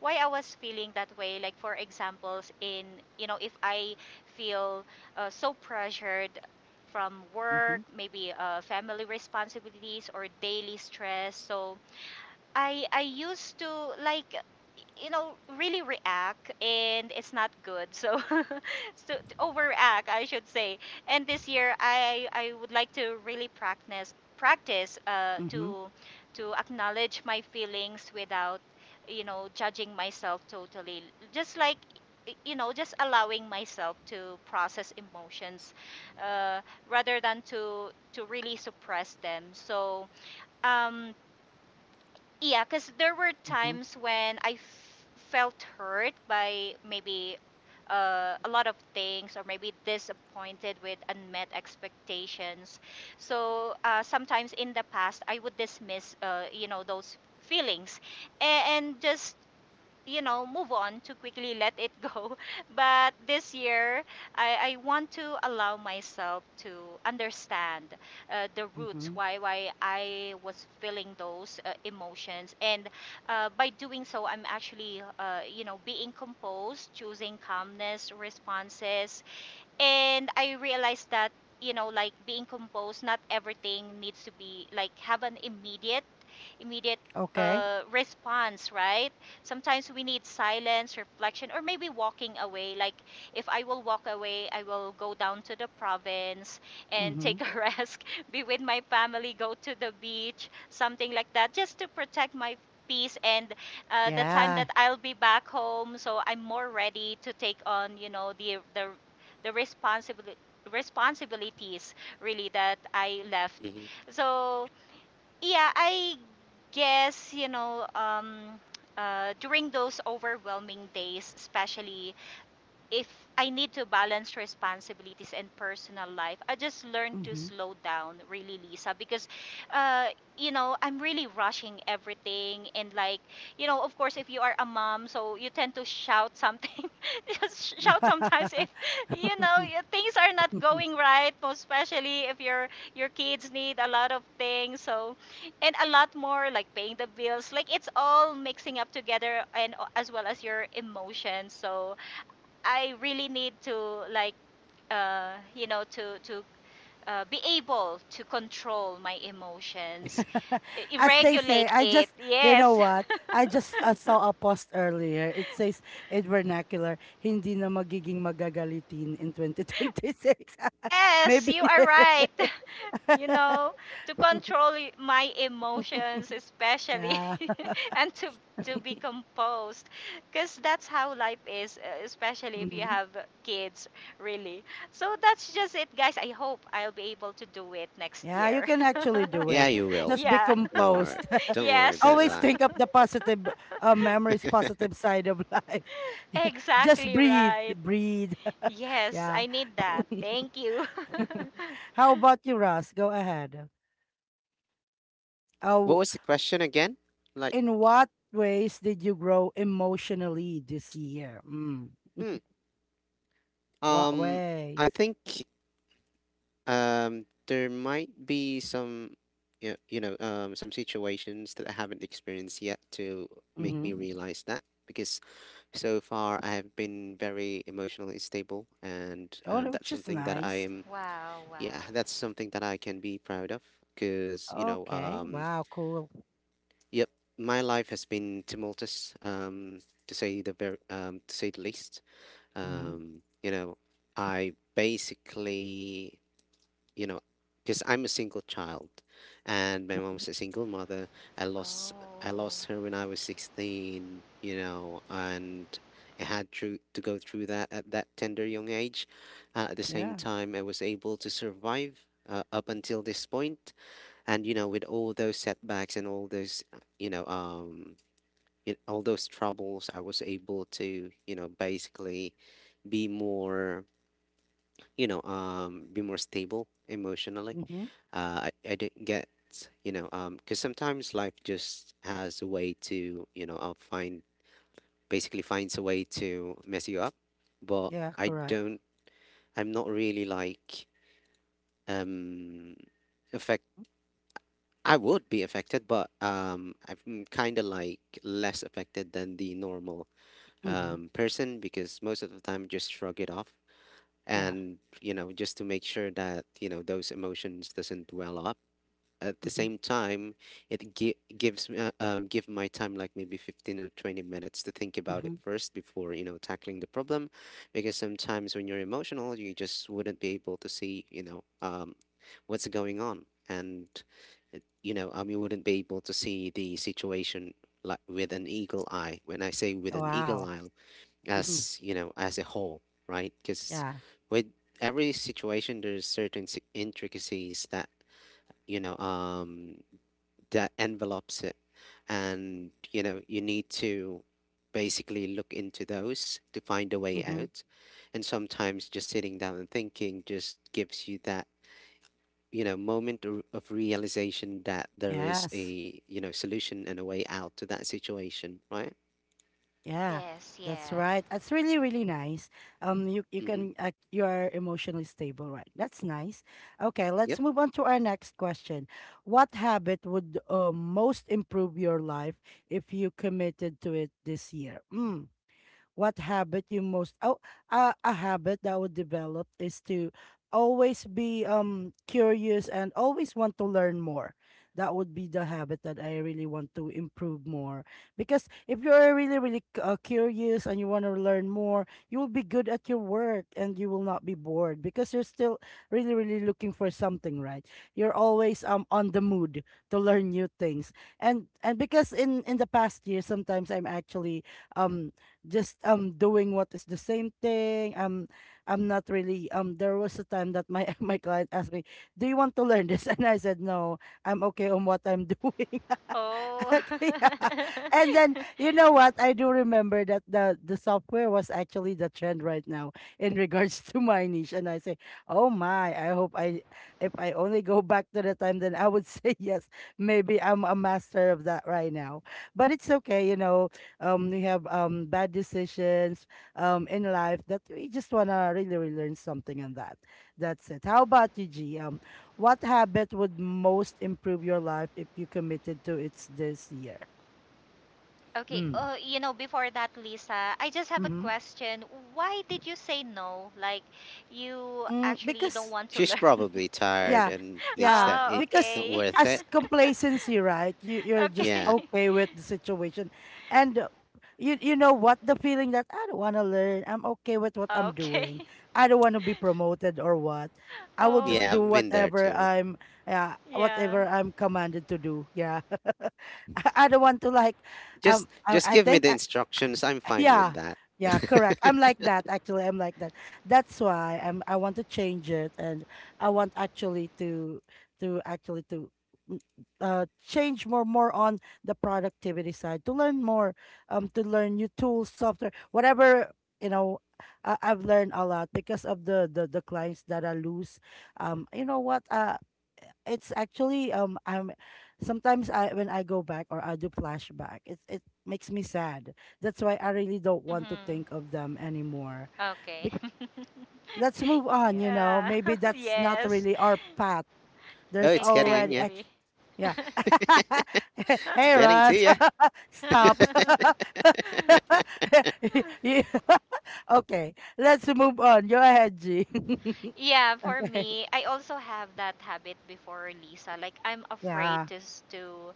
[SPEAKER 2] why I was feeling that way. Like for examples, in you know, if I feel uh, so pressured from work,
[SPEAKER 1] Mhm.
[SPEAKER 2] maybe uh, family responsibilities or daily stress. So I I used to like you know really react and it's not good, so [laughs] so to overreact I should say. And this year I I would like to really practice practice uh,
[SPEAKER 1] Mhm.
[SPEAKER 2] to to acknowledge my feelings without you know judging myself totally, just like y- you know just allowing myself to process emotions, uh, rather than to to really suppress them. So um, yeah, because there were
[SPEAKER 1] Mhm.
[SPEAKER 2] times when I f- felt hurt by maybe uh, a lot of things or maybe disappointed with unmet expectations. So uh, sometimes in the past, I would dismiss, uh, you know, those feelings and, and just you know move on to quickly let it go. [laughs] But this year I, I want to allow myself to understand uh, the roots
[SPEAKER 1] Mhm.
[SPEAKER 2] why why I was feeling those uh, emotions. And uh, by doing so I'm actually, uh, you know being composed, choosing calmness responses. And I realized that, you know like being composed, not everything needs to be like have an immediate immediate
[SPEAKER 1] Okay.
[SPEAKER 2] uh, response, right? Sometimes we need silence reflection or maybe walking away. Like if I will walk away I will go down to the province and take
[SPEAKER 1] Mhm.
[SPEAKER 2] a [laughs] rest, be with my family, go to the beach, something like that just to protect my peace. And uh, the time
[SPEAKER 1] Yeah.
[SPEAKER 2] that I'll be back home, so I'm more ready to take on, you know, the the the responsibility responsibilities really that I left.
[SPEAKER 3] mhm.
[SPEAKER 2] So yeah, I guess you know um, uh, during those overwhelming days, especially if I need to balance responsibilities and personal life, I just learn to
[SPEAKER 1] Mhm.
[SPEAKER 2] slow down, really, Lisa, because, uh, you know, I'm really rushing everything. And, like, you know, of course, if you are a mom, so you tend to shout something, [laughs] just shout sometimes if, you know, y-
[SPEAKER 1] [laughs]
[SPEAKER 2] things are not going right, most especially if your your kids need a lot of things. So, and a lot more, like paying the bills, like it's all mixing up together and uh, as well as your emotions. So, I really need to like uh, you know to to uh, be able to control my emotions,
[SPEAKER 1] [laughs]
[SPEAKER 2] i-
[SPEAKER 1] As they say,
[SPEAKER 2] regulate
[SPEAKER 1] I
[SPEAKER 2] it.
[SPEAKER 1] just, you know
[SPEAKER 2] Yes,
[SPEAKER 1] what? I just uh, saw a post earlier. It says in vernacular, hindi na magiging magagalitin in twenty twenty-six.
[SPEAKER 2] [laughs]
[SPEAKER 1] [laughs]
[SPEAKER 2] yes,
[SPEAKER 1] Maybe.
[SPEAKER 2] you are right. [laughs] You know,
[SPEAKER 1] [laughs]
[SPEAKER 2] to control y- my emotions, especially,
[SPEAKER 1] Yeah.
[SPEAKER 2] [laughs] and to to be composed, because that's how life is, uh, especially if you
[SPEAKER 1] hmm.
[SPEAKER 2] have uh, kids. Really, so that's just it, guys. I hope I'll be able to do it next
[SPEAKER 1] Yeah, you
[SPEAKER 2] year.
[SPEAKER 1] can actually
[SPEAKER 2] [laughs]
[SPEAKER 1] do
[SPEAKER 3] Yeah,
[SPEAKER 1] it.
[SPEAKER 3] you will.
[SPEAKER 1] Just be
[SPEAKER 2] Yeah.
[SPEAKER 3] No worry.
[SPEAKER 1] composed.
[SPEAKER 3] Don't worry
[SPEAKER 1] [laughs]
[SPEAKER 2] Yes.
[SPEAKER 3] about
[SPEAKER 1] Always
[SPEAKER 3] that.
[SPEAKER 1] think of
[SPEAKER 2] [laughs]
[SPEAKER 1] the positive uh, memories, positive side of life. [laughs] Just
[SPEAKER 2] Exactly
[SPEAKER 1] breathe,
[SPEAKER 2] right.
[SPEAKER 1] breathe. [laughs]
[SPEAKER 2] Yes,
[SPEAKER 1] Yeah.
[SPEAKER 2] I need that. Thank you. [laughs]
[SPEAKER 1] How about you, Ross? Go ahead.
[SPEAKER 3] What
[SPEAKER 1] Oh,
[SPEAKER 3] was the question again? Like,
[SPEAKER 1] in what ways did you grow emotionally this year? Mm.
[SPEAKER 3] hmm.
[SPEAKER 1] What
[SPEAKER 3] Um,
[SPEAKER 1] ways?
[SPEAKER 3] I think um there might be some you you know, um some situations that I haven't experienced yet to make
[SPEAKER 1] Mm-hmm.
[SPEAKER 3] me realize that because so far I have been very emotionally stable and
[SPEAKER 1] Oh,
[SPEAKER 3] um
[SPEAKER 1] no,
[SPEAKER 3] that's
[SPEAKER 1] which is
[SPEAKER 3] something that I
[SPEAKER 1] nice.
[SPEAKER 3] am
[SPEAKER 2] Wow, wow.
[SPEAKER 3] yeah, that's something that I can be proud of because, you know,
[SPEAKER 1] Okay.
[SPEAKER 3] um
[SPEAKER 1] Wow. Cool.
[SPEAKER 3] Yep, my life has been tumultuous, um, to say the very, um, to say the least.
[SPEAKER 1] Mm-hmm.
[SPEAKER 3] Um, you know, I basically, you know, because I'm a single child, and my
[SPEAKER 1] Mm-hmm.
[SPEAKER 3] mom's a single mother. I lost, I
[SPEAKER 2] Oh.
[SPEAKER 3] lost her when I was sixteen. You know, and I had to to go through that at that tender young age. Uh, at the same
[SPEAKER 1] Yeah.
[SPEAKER 3] time, I was able to survive uh, up until this point, and you know with all those setbacks and all those uh, you know um y- all those troubles I was able to you know basically be more you know um be more stable emotionally.
[SPEAKER 1] Mm-hmm.
[SPEAKER 3] uh i, I didn't get you know um because sometimes life just has a way to you know I'll find basically finds a way to mess you up, but
[SPEAKER 1] Yeah.
[SPEAKER 3] i
[SPEAKER 1] Correct.
[SPEAKER 3] don't i'm not really like um I would be affected, but um, I'm kind of like less affected than the normal
[SPEAKER 1] Mm-hmm.
[SPEAKER 3] um, person because most of the time just shrug it off
[SPEAKER 1] Yeah.
[SPEAKER 3] and you know just to make sure that you know those emotions doesn't well up at the
[SPEAKER 1] Mm-hmm.
[SPEAKER 3] same time, it gi- gives me, uh, um, give my time like maybe fifteen or twenty minutes to think about it
[SPEAKER 1] Mm-hmm.
[SPEAKER 3] first before, you know, tackling the problem. Because sometimes when you're emotional, you just wouldn't be able to see, you know, um, what's going on. And, uh, you know, um, you wouldn't be able to see the situation like with an eagle eye. When I say with an eagle
[SPEAKER 1] Wow.
[SPEAKER 3] eye,
[SPEAKER 1] Mm-hmm.
[SPEAKER 3] as, you know, as a whole, right? Because
[SPEAKER 1] Yeah.
[SPEAKER 3] with every situation, there's certain si- intricacies that you know um that envelops it. And, you know, you need to basically look into those to find a way
[SPEAKER 1] Mm-hmm.
[SPEAKER 3] out. And sometimes just sitting down and thinking just gives you that, you know, moment or- of realization that there is
[SPEAKER 1] Yes.
[SPEAKER 3] a, you know, solution and a way out to that situation, right?
[SPEAKER 1] Yeah,
[SPEAKER 2] Yes,
[SPEAKER 1] that's
[SPEAKER 2] yeah.
[SPEAKER 1] right. That's really, really nice. Um, you you
[SPEAKER 3] Hmm.
[SPEAKER 1] can uh, you are emotionally stable, right? That's nice. Okay,
[SPEAKER 3] Yep.
[SPEAKER 1] let's move on to our next question. What habit would uh, most improve your life if you committed to it this year? Mm, what habit you most oh uh, a habit that I would develop is to always be um curious and always want to learn more. That would be the habit that I really want to improve more because if you're really really c- uh, curious and you want to learn more, you will be good at your work and you will not be bored because you're still really really looking for something, right? You're always um on the mood to learn new things. And and because in in the past year sometimes I'm actually um just um doing what is the same thing. Um, I'm not really um. There was a time that my [laughs] my client asked me, "Do you want to learn this?" [laughs] And I said, "No, I'm okay on what I'm [laughs] doing."
[SPEAKER 2] Oh.
[SPEAKER 1] [laughs] yeah. And
[SPEAKER 2] [laughs]
[SPEAKER 1] then you know what? I do remember that the the software was actually the trend right now in regards [laughs] to my niche. And I say, oh my, I hope I if I only go back to the time, then I would [laughs] say yes. Maybe I'm a master of that right now. But it's okay, you know. Um, we have um bad decisions um in life that we just wanna really, really learn something on that. That's it. How about you, G? Um, what habit would most improve your life if you committed to it this year?
[SPEAKER 2] Okay.
[SPEAKER 1] Mm.
[SPEAKER 2] Oh, you know, before that, Lisa, I just have a
[SPEAKER 1] Mm-hmm.
[SPEAKER 2] question. Why did you say no? Like, you
[SPEAKER 1] Mm,
[SPEAKER 2] actually don't
[SPEAKER 1] because
[SPEAKER 2] want to
[SPEAKER 3] She's
[SPEAKER 2] learn. [laughs]
[SPEAKER 3] probably tired
[SPEAKER 1] yeah,
[SPEAKER 3] and thinks
[SPEAKER 1] yeah,
[SPEAKER 3] that
[SPEAKER 2] Oh,
[SPEAKER 3] it's
[SPEAKER 1] because
[SPEAKER 3] not
[SPEAKER 2] okay.
[SPEAKER 3] worth
[SPEAKER 1] as
[SPEAKER 3] it.
[SPEAKER 1] complacency, right? You
[SPEAKER 2] [laughs]
[SPEAKER 1] you're just
[SPEAKER 2] Okay.
[SPEAKER 3] Yeah.
[SPEAKER 2] [laughs]
[SPEAKER 1] okay with the situation, and uh, you you know what the feeling that I don't want to learn. I'm okay with what I'm
[SPEAKER 2] Okay.
[SPEAKER 1] doing.
[SPEAKER 2] [laughs]
[SPEAKER 1] I don't want to be promoted or what. I will
[SPEAKER 2] Oh,
[SPEAKER 1] just
[SPEAKER 3] Yeah,
[SPEAKER 1] do
[SPEAKER 2] y-
[SPEAKER 3] I've been there
[SPEAKER 1] whatever
[SPEAKER 3] too.
[SPEAKER 1] I'm yeah
[SPEAKER 2] yeah.
[SPEAKER 1] whatever I'm commanded to do. Yeah, [laughs] I I don't want to like um
[SPEAKER 3] Just just
[SPEAKER 1] I, I
[SPEAKER 3] give me
[SPEAKER 1] think.
[SPEAKER 3] the instructions. I'm fine with
[SPEAKER 1] Yeah.
[SPEAKER 3] that.
[SPEAKER 1] Yeah, correct. I'm
[SPEAKER 3] [laughs]
[SPEAKER 1] like that actually. I'm like that. That's why I'm I want to change it and I want actually to to actually to mm, uh change more more on the productivity side to learn more um to learn new tools, software, whatever, you know, I, I've learned a lot because of the the the clients that I lose. Um you know what? Uh it's actually um I'm sometimes I when I go back or I do flashback, it it makes me sad, that's why I really don't want to think
[SPEAKER 2] Mm-hmm.
[SPEAKER 1] of them anymore.
[SPEAKER 2] Okay.
[SPEAKER 1] Be-
[SPEAKER 2] [laughs]
[SPEAKER 1] let's move on, you know.
[SPEAKER 2] Yeah.
[SPEAKER 1] Maybe
[SPEAKER 2] [laughs]
[SPEAKER 1] that's not
[SPEAKER 2] Yes,
[SPEAKER 1] really our path.
[SPEAKER 3] Oh,
[SPEAKER 1] There's
[SPEAKER 3] it's getting in,
[SPEAKER 1] already
[SPEAKER 3] yeah.
[SPEAKER 2] exactly.
[SPEAKER 1] act- yeah. [laughs] Hey
[SPEAKER 3] Getting to
[SPEAKER 1] Russ,
[SPEAKER 3] ya.
[SPEAKER 1] [laughs] stop.
[SPEAKER 2] [laughs]
[SPEAKER 1] [laughs] Yeah. [laughs] okay, let's move on. Go ahead, G.
[SPEAKER 2] Yeah, for
[SPEAKER 1] [laughs] okay.
[SPEAKER 2] me, I also have that habit before, Lisa. Like I'm afraid
[SPEAKER 1] Yeah.
[SPEAKER 2] to s- to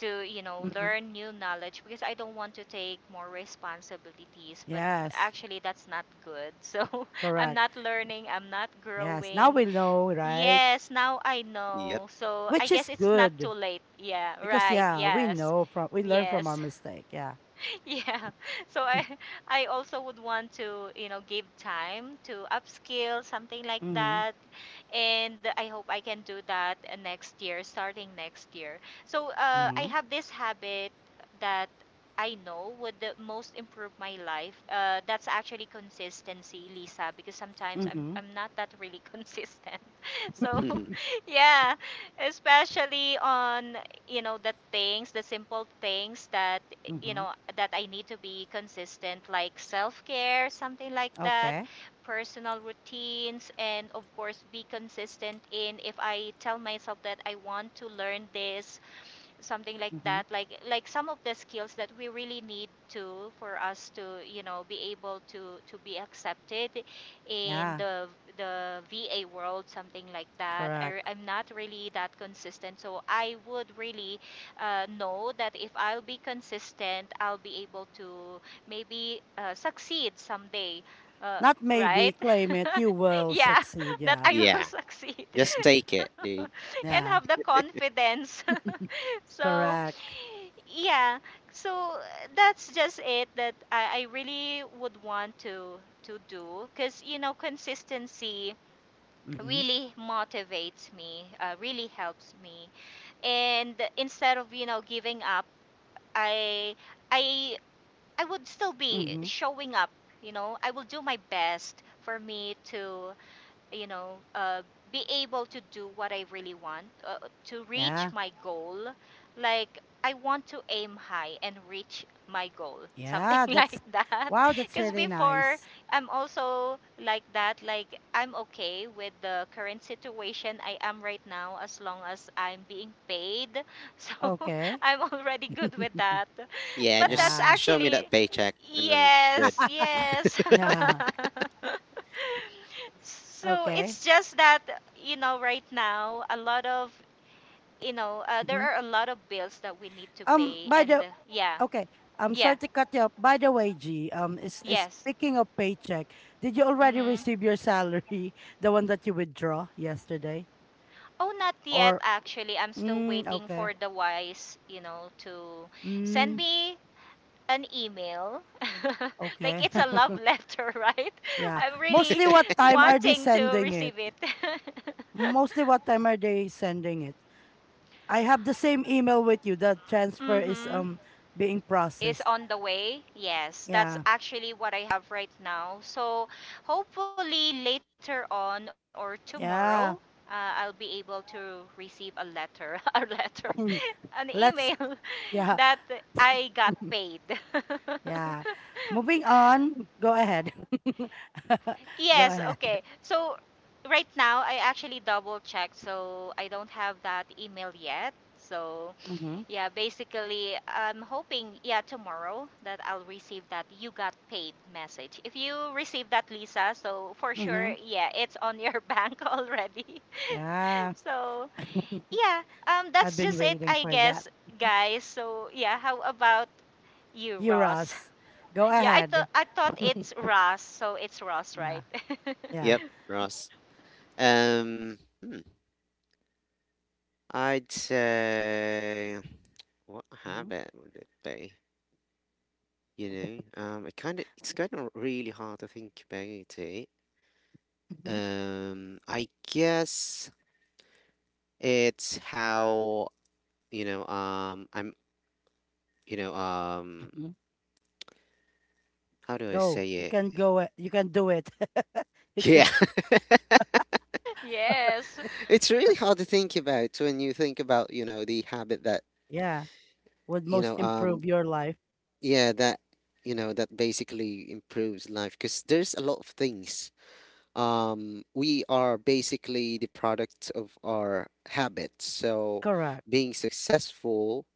[SPEAKER 2] to, you know,
[SPEAKER 1] Mhm.
[SPEAKER 2] learn new knowledge because I don't want to take more responsibilities, but
[SPEAKER 1] Yes.
[SPEAKER 2] actually that's not good. [laughs] So, I'm
[SPEAKER 1] Correct.
[SPEAKER 2] not learning, I'm not
[SPEAKER 1] Yes. Now
[SPEAKER 2] growing.
[SPEAKER 1] we know, right?
[SPEAKER 2] Yes, now I
[SPEAKER 3] Yep.
[SPEAKER 2] know. So, I
[SPEAKER 1] Which
[SPEAKER 2] guess
[SPEAKER 1] is
[SPEAKER 2] it's not too
[SPEAKER 1] good
[SPEAKER 2] late. Yeah,
[SPEAKER 1] because
[SPEAKER 2] right.
[SPEAKER 1] yeah, we
[SPEAKER 2] Yes.
[SPEAKER 1] know from we learn from our
[SPEAKER 2] Yes.
[SPEAKER 1] mistake. Yeah.
[SPEAKER 2] Yeah. [laughs] So I I also would want to, you know, give time to upskill, something like
[SPEAKER 1] Mm-hmm.
[SPEAKER 2] that. And I hope I can do that uh, next year, starting next year. So uh, I
[SPEAKER 1] Mhm,
[SPEAKER 2] have this habit that I know would the most improve my life. Uh, that's actually consistency, Lisa, because sometimes I'm,
[SPEAKER 1] mhm,
[SPEAKER 2] I'm not that really [laughs] consistent. [laughs] So [laughs]
[SPEAKER 3] [laughs]
[SPEAKER 2] yeah, especially on you know the things the simple things that you
[SPEAKER 1] mhm.
[SPEAKER 2] know that I need to be consistent, like self-care, something like that,
[SPEAKER 1] Okay.
[SPEAKER 2] personal routines, and of course be consistent in if I tell myself that I want to learn this, something like
[SPEAKER 1] Mhm.
[SPEAKER 2] that, like like some of the skills that we really need to, for us to you know be able to to be accepted in
[SPEAKER 1] Yeah.
[SPEAKER 2] the the V A world, something like that. I, re-
[SPEAKER 1] Correct.
[SPEAKER 2] I'm not really that consistent, so I would really uh, know that if I'll be consistent I'll be able to maybe uh, succeed someday uh,
[SPEAKER 1] Not maybe
[SPEAKER 2] right,
[SPEAKER 1] claim it,
[SPEAKER 2] [laughs]
[SPEAKER 1] you will
[SPEAKER 2] yeah,
[SPEAKER 1] succeed.
[SPEAKER 2] [laughs] that
[SPEAKER 1] Yeah.
[SPEAKER 2] I will
[SPEAKER 3] Yeah.
[SPEAKER 2] succeed, [laughs]
[SPEAKER 3] Just take it, dude.
[SPEAKER 2] and
[SPEAKER 1] Yeah.
[SPEAKER 2] have the confidence. So,
[SPEAKER 1] Correct.
[SPEAKER 2] yeah. So uh, that's just it, that I, I really would want to to do, because you know consistency
[SPEAKER 1] Mhm.
[SPEAKER 2] really motivates me, uh, really helps me. And instead of you know giving up, I I I would still be
[SPEAKER 1] Mhm.
[SPEAKER 2] showing up. You know, I will do my best for me to you know, uh, be able to do what I really want, uh, to reach
[SPEAKER 1] Yeah.
[SPEAKER 2] my goal. Like, I want to aim high and reach my goal, something [laughs]
[SPEAKER 1] Yeah, that's
[SPEAKER 2] like that.
[SPEAKER 1] wow, that's
[SPEAKER 2] Because
[SPEAKER 1] really
[SPEAKER 2] before,
[SPEAKER 1] nice.
[SPEAKER 2] I'm also like that. Like, I'm okay with the current situation I am right now as long as I'm being paid. [laughs] So,
[SPEAKER 1] Okay.
[SPEAKER 2] I'm already good with
[SPEAKER 1] [laughs]
[SPEAKER 2] that.
[SPEAKER 3] Yeah,
[SPEAKER 2] But that's
[SPEAKER 3] just
[SPEAKER 1] Yeah.
[SPEAKER 3] show me
[SPEAKER 2] actually,
[SPEAKER 3] that paycheck and I'm good.
[SPEAKER 2] yes,
[SPEAKER 1] [laughs]
[SPEAKER 2] yes.
[SPEAKER 1] Yeah.
[SPEAKER 2] [laughs] So
[SPEAKER 1] Okay.
[SPEAKER 2] it's just that, you know, right now, a lot of, you know, uh, there
[SPEAKER 1] Mhm.
[SPEAKER 2] are a lot of bills that we need to
[SPEAKER 1] Um
[SPEAKER 2] pay.
[SPEAKER 1] by
[SPEAKER 2] And
[SPEAKER 1] the
[SPEAKER 2] uh, yeah,
[SPEAKER 1] Okay. I'm
[SPEAKER 2] yeah,
[SPEAKER 1] sorry to cut you up. By the way, G, um, is, is
[SPEAKER 2] yes.
[SPEAKER 1] speaking of paycheck, did you already
[SPEAKER 2] Mm-hmm.
[SPEAKER 1] receive your salary, [laughs] the one that you withdraw yesterday?
[SPEAKER 2] Oh, not yet,
[SPEAKER 1] Or
[SPEAKER 2] actually. I'm still
[SPEAKER 1] mm,
[SPEAKER 2] waiting
[SPEAKER 1] okay,
[SPEAKER 2] for the wise, you know, to send
[SPEAKER 1] mm,
[SPEAKER 2] me an email. [laughs] Like
[SPEAKER 1] okay,
[SPEAKER 2] it's a
[SPEAKER 1] [laughs]
[SPEAKER 2] love letter, [laughs] right?
[SPEAKER 1] yeah.
[SPEAKER 2] I'm really
[SPEAKER 1] Mostly, what time are they
[SPEAKER 2] wanting to
[SPEAKER 1] sending it?
[SPEAKER 2] receive it.
[SPEAKER 1] Mostly, what time are they sending it? I have the same email with you. The
[SPEAKER 2] [laughs]
[SPEAKER 1] transfer is
[SPEAKER 2] Mm-hmm.
[SPEAKER 1] um being
[SPEAKER 2] Is
[SPEAKER 1] processed.
[SPEAKER 2] on the way. Yes, that's
[SPEAKER 1] Yeah,
[SPEAKER 2] actually what I have right now. So hopefully later on or tomorrow,
[SPEAKER 1] yeah.
[SPEAKER 2] uh, I'll be able to receive a letter, [laughs] a letter,
[SPEAKER 1] [laughs]
[SPEAKER 2] an email
[SPEAKER 1] Let's
[SPEAKER 2] [laughs] that
[SPEAKER 1] yeah.
[SPEAKER 2] I got paid. [laughs]
[SPEAKER 1] Yeah. Moving on. Go ahead. [laughs] Go
[SPEAKER 2] Yes,
[SPEAKER 1] ahead.
[SPEAKER 2] okay. So right now, I actually double checked, so I don't have that email yet. So
[SPEAKER 1] Mm-hmm.
[SPEAKER 2] yeah, basically, I'm hoping, yeah, tomorrow that I'll receive that you got paid message. If you receive that, Lisa, so for sure,
[SPEAKER 1] Mm-hmm.
[SPEAKER 2] yeah, it's on your [laughs] bank already. [laughs]
[SPEAKER 1] Yeah.
[SPEAKER 2] So,
[SPEAKER 1] [laughs]
[SPEAKER 2] yeah, um,
[SPEAKER 1] I've
[SPEAKER 2] that's
[SPEAKER 1] been
[SPEAKER 2] just it,
[SPEAKER 1] waiting
[SPEAKER 2] I
[SPEAKER 1] for that.
[SPEAKER 2] guess,
[SPEAKER 1] Mhm.
[SPEAKER 2] guys. So, yeah, how about you,
[SPEAKER 1] You,
[SPEAKER 2] Ross? [laughs]
[SPEAKER 1] Ross. Go
[SPEAKER 2] Yeah, I thought
[SPEAKER 1] ahead.
[SPEAKER 2] I thought it's Ross, so it's Ross,
[SPEAKER 1] Yeah.
[SPEAKER 2] right? [laughs]
[SPEAKER 1] Yeah.
[SPEAKER 3] Yep, Ross. Um, hmm. I'd say what
[SPEAKER 1] Mm-hmm.
[SPEAKER 3] habit would it be? You know, um, it kind of it's kind of really hard to think about it.
[SPEAKER 1] Mm-hmm.
[SPEAKER 3] Um, I guess it's how you know. Um, I'm you know. Um,
[SPEAKER 1] Hmm.
[SPEAKER 3] how do I
[SPEAKER 1] Go. You
[SPEAKER 3] say
[SPEAKER 1] can go. it- You can do it. [laughs] you can.
[SPEAKER 3] it? [laughs]
[SPEAKER 2] Yes.
[SPEAKER 3] It's really hard to think about when you think about, you know, the habit that,
[SPEAKER 1] Yeah. Would
[SPEAKER 3] you
[SPEAKER 1] most
[SPEAKER 3] know, um,
[SPEAKER 1] improve your life.
[SPEAKER 3] yeah, that, you know, that basically improves life because there's a lot of things. Um, we are basically the product of our habits. So
[SPEAKER 1] Correct.
[SPEAKER 3] being successful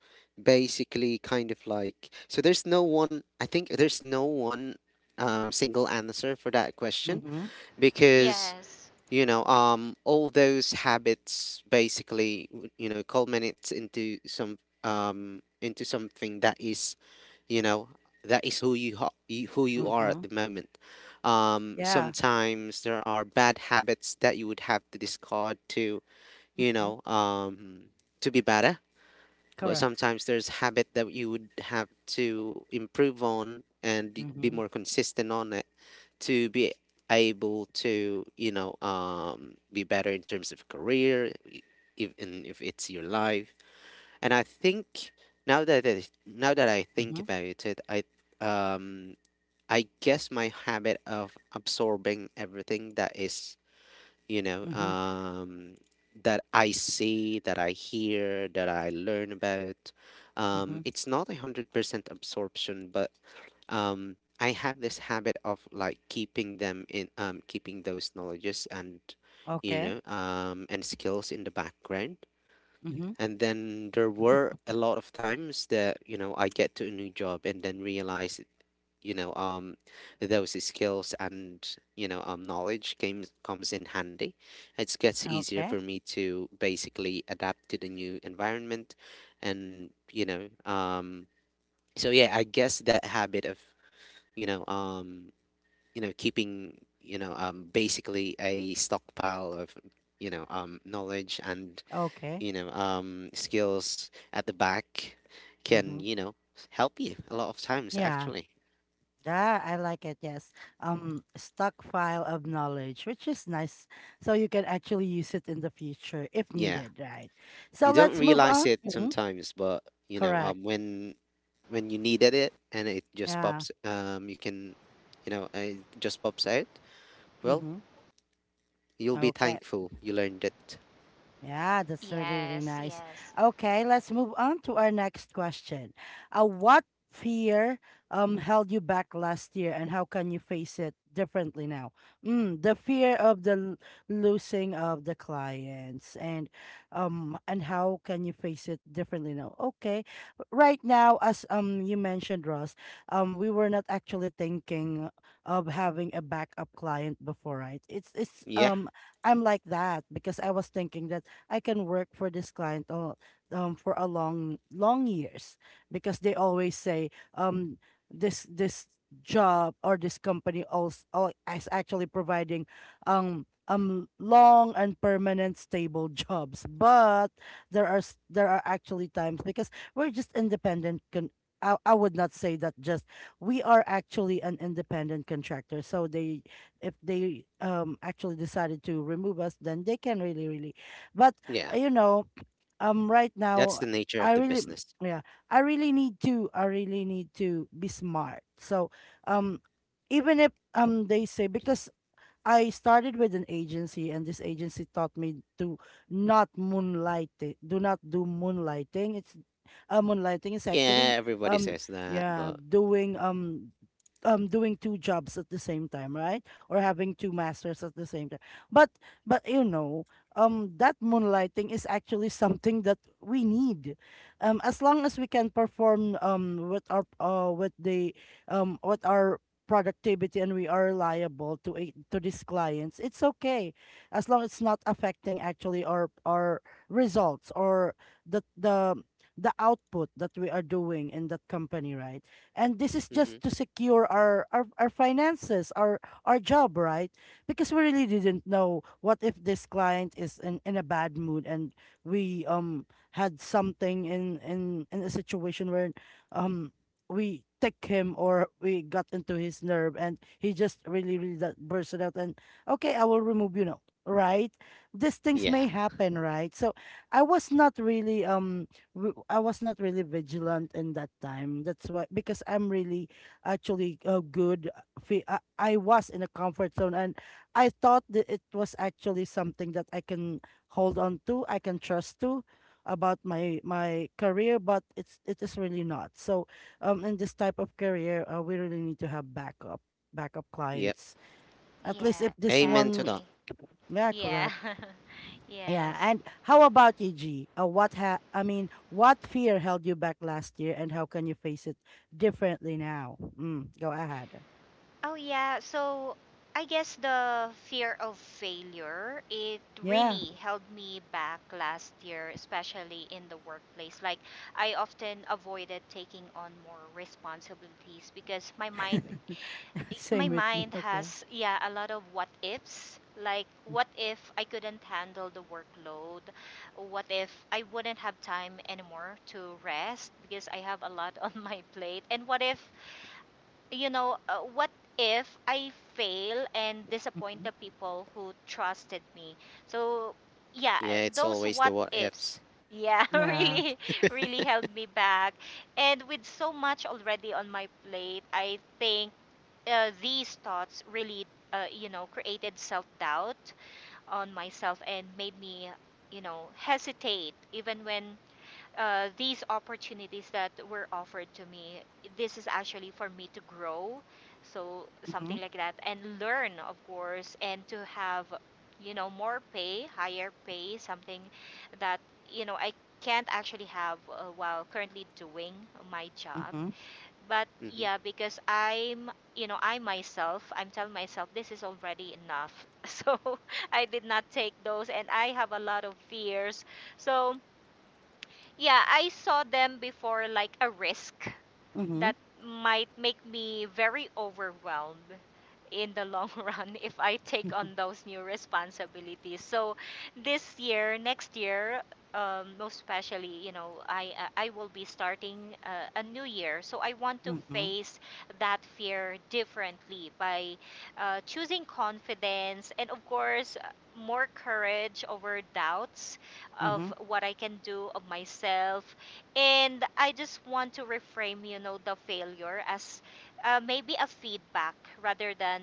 [SPEAKER 3] basically kind of like, so there's no one, I think there's no one um, single answer for that question
[SPEAKER 1] Mm-hmm.
[SPEAKER 3] because
[SPEAKER 2] Yes.
[SPEAKER 3] you know um all those habits basically w- you know culminates into some um into something that is you know that is who you, ho- you who you are
[SPEAKER 1] Mm-hmm.
[SPEAKER 3] at the moment. Um
[SPEAKER 1] Yeah.
[SPEAKER 3] sometimes there are bad habits that you would have to discard to you
[SPEAKER 1] Mm-hmm.
[SPEAKER 3] know um to be better, but
[SPEAKER 1] Correct.
[SPEAKER 3] sometimes there's habit that you would have to improve on and be
[SPEAKER 1] Mm-hmm.
[SPEAKER 3] more consistent on it to be able to you know um be better in terms of career, e- even if it's your life. And I think now that I, now that I think
[SPEAKER 1] Mm-hmm.
[SPEAKER 3] about it, I um I guess my habit of absorbing everything that is you know
[SPEAKER 1] Mm-hmm.
[SPEAKER 3] um that I see, that I hear, that I learn about,
[SPEAKER 1] Mm-hmm.
[SPEAKER 3] um it's not a one hundred percent absorption, but um I have this habit of like keeping them in, um keeping those knowledges and you know
[SPEAKER 1] Okay.
[SPEAKER 3] um and skills in the background.
[SPEAKER 1] Mm-hmm.
[SPEAKER 3] And then there were a lot of times that you know I get to a new job and then realize you know um those skills and you know um knowledge came comes in handy. It gets easier for
[SPEAKER 1] Okay.
[SPEAKER 3] me to basically adapt to the new environment. And you know um so yeah, I guess that habit of you know, um, you know, keeping, you know, um, basically a stockpile of, you know, um, knowledge and,
[SPEAKER 1] Okay.
[SPEAKER 3] you know, um, skills at the back can,
[SPEAKER 1] Mm-hmm.
[SPEAKER 3] you know, help you a lot of times,
[SPEAKER 1] Yeah,
[SPEAKER 3] actually.
[SPEAKER 1] that I like it. Yes, um, stockpile of knowledge, which is nice, so you can actually use it in the future if
[SPEAKER 3] Yeah.
[SPEAKER 1] needed, right? So
[SPEAKER 3] You don't
[SPEAKER 1] let's move
[SPEAKER 3] realize
[SPEAKER 1] on.
[SPEAKER 3] it
[SPEAKER 1] Mhm.
[SPEAKER 3] sometimes, but, you know,
[SPEAKER 1] Correct.
[SPEAKER 3] um, when, when you needed it and it just
[SPEAKER 1] Yeah.
[SPEAKER 3] pops, um, you can, you know, uh, it just pops out, well,
[SPEAKER 1] Mm-hmm.
[SPEAKER 3] you'll be
[SPEAKER 1] Okay.
[SPEAKER 3] thankful you learned it.
[SPEAKER 1] Yeah, that's really, really
[SPEAKER 2] Yes.
[SPEAKER 1] nice.
[SPEAKER 2] Yes.
[SPEAKER 1] Okay, let's move on to our next question. Uh, what fear um held you back last year, and how can you face it differently now? Mm, the fear of the l- losing of the clients, and um, and how can you face it differently now? Okay, right now, as um you mentioned, Ross, um, we were not actually thinking of having a backup client before, right? It's it's
[SPEAKER 3] Yeah.
[SPEAKER 1] um I'm like that because I was thinking that I can work for this client all, um, for a long, long years because they always say, um, this, this job or this company also, is actually providing, um, um, long and permanent stable [laughs] jobs. But there are, s- there are actually times because we're just independent con- I, I would not say that just we are actually an independent contractor, so they, if they um actually decided to remove us, then they can really really, but
[SPEAKER 3] Yeah.
[SPEAKER 1] uh, you know, um, right
[SPEAKER 3] That's
[SPEAKER 1] now,
[SPEAKER 3] the nature of
[SPEAKER 1] I
[SPEAKER 3] the
[SPEAKER 1] really,
[SPEAKER 3] business.
[SPEAKER 1] yeah, I really need to, I really need to be smart. So, um, even if um they say, because I started with an agency, and this agency taught me to not moonlight it. Do not do moonlighting. It's uh, moonlighting is
[SPEAKER 3] Yeah,
[SPEAKER 1] actually
[SPEAKER 3] everybody
[SPEAKER 1] um
[SPEAKER 3] says that,
[SPEAKER 1] yeah,
[SPEAKER 3] but
[SPEAKER 1] doing um um doing two jobs at the same time, right? Or having two masters at the same time. But but you know um that moonlighting is actually something that we need. Um, as long as we can perform um with our uh with the um with our productivity and we are liable to a- to these clients, it's okay as long it's not affecting actually our our results or the the the output that we are doing in that company, right? And this is
[SPEAKER 3] hmm
[SPEAKER 1] just to secure our our, our finances, our our job, right? Because we really didn't know what if this client is in, in a bad mood and we um had something in in in a situation where um we take him or we got into his nerve and he just really really that burst it out and okay I will remove you now, right? These things may
[SPEAKER 3] yeah,
[SPEAKER 1] happen, right? So I was not really um w- I was not really vigilant in that time, that's why, because I'm really actually uh, good uh, fe- I, I was in a comfort zone and I thought that it was actually something that I can hold on to, I can trust to about my my career, but it's it is really not. So um in this type of career uh, we really need to have backup backup
[SPEAKER 3] yep.
[SPEAKER 1] clients, at least
[SPEAKER 2] Yeah,
[SPEAKER 1] if this
[SPEAKER 3] Amen to
[SPEAKER 2] exactly.
[SPEAKER 1] one
[SPEAKER 3] that.
[SPEAKER 1] [clears throat] yeah,
[SPEAKER 2] Yeah.
[SPEAKER 1] correct,
[SPEAKER 2] [laughs]
[SPEAKER 1] yeah.
[SPEAKER 2] Yes.
[SPEAKER 1] And how about you, G? Uh, what ha I mean what fear held you back last year and how can you face it differently now? Mm, go ahead,
[SPEAKER 2] Oh yeah, so I guess the fear of failure, it
[SPEAKER 1] yeah.
[SPEAKER 2] really held me back last year, especially in the workplace. Like I often avoided taking on more responsibilities because my mind
[SPEAKER 1] [laughs]
[SPEAKER 2] my
[SPEAKER 1] Same with me,
[SPEAKER 2] mind
[SPEAKER 1] okay.
[SPEAKER 2] has, yeah, a lot of what ifs. Like
[SPEAKER 1] Hm.
[SPEAKER 2] what if I couldn't handle the workload? What if I wouldn't have time anymore to rest because I have a lot [laughs] on my plate? And what if you know, uh, what if I fail and disappoint
[SPEAKER 1] Mhm.
[SPEAKER 2] the people who trusted me? So, yeah,
[SPEAKER 3] Yeah, it's
[SPEAKER 2] those
[SPEAKER 3] always the
[SPEAKER 2] what
[SPEAKER 3] what
[SPEAKER 2] ifs,
[SPEAKER 3] ifs.
[SPEAKER 2] yeah, [laughs]
[SPEAKER 1] Yeah.
[SPEAKER 2] really, really held me back. And with so much already on my plate, I think uh, these thoughts really, uh, you know, created self doubt on myself and made me, you know, hesitate even when uh, these opportunities that were offered to me, this is actually for me to grow. So
[SPEAKER 1] Mhm.
[SPEAKER 2] something like that, and learn, of course, and to have, you know, more pay, higher pay, something that, you know, I can't actually have uh, while currently doing my job.
[SPEAKER 1] Mhm.
[SPEAKER 2] But
[SPEAKER 3] Hmm.
[SPEAKER 2] yeah, because I'm, you know, I myself, I'm telling myself this is already enough. [laughs] So I did not take those, and I have a lot of fears. So yeah, I saw them before like a risk
[SPEAKER 1] Mhm.
[SPEAKER 2] that might make me very overwhelmed in the long [laughs] run if I take
[SPEAKER 1] Mhm.
[SPEAKER 2] on those new responsibilities. So this year, next year, um, most especially, you know, I I I will be starting uh, a new year. So I want to
[SPEAKER 1] Mhm.
[SPEAKER 2] face that fear differently by uh, choosing confidence, and of course uh, more courage over doubts of
[SPEAKER 1] Mhm.
[SPEAKER 2] what I can do of myself. And I just want to reframe, you know, the failure as uh, maybe a feedback rather than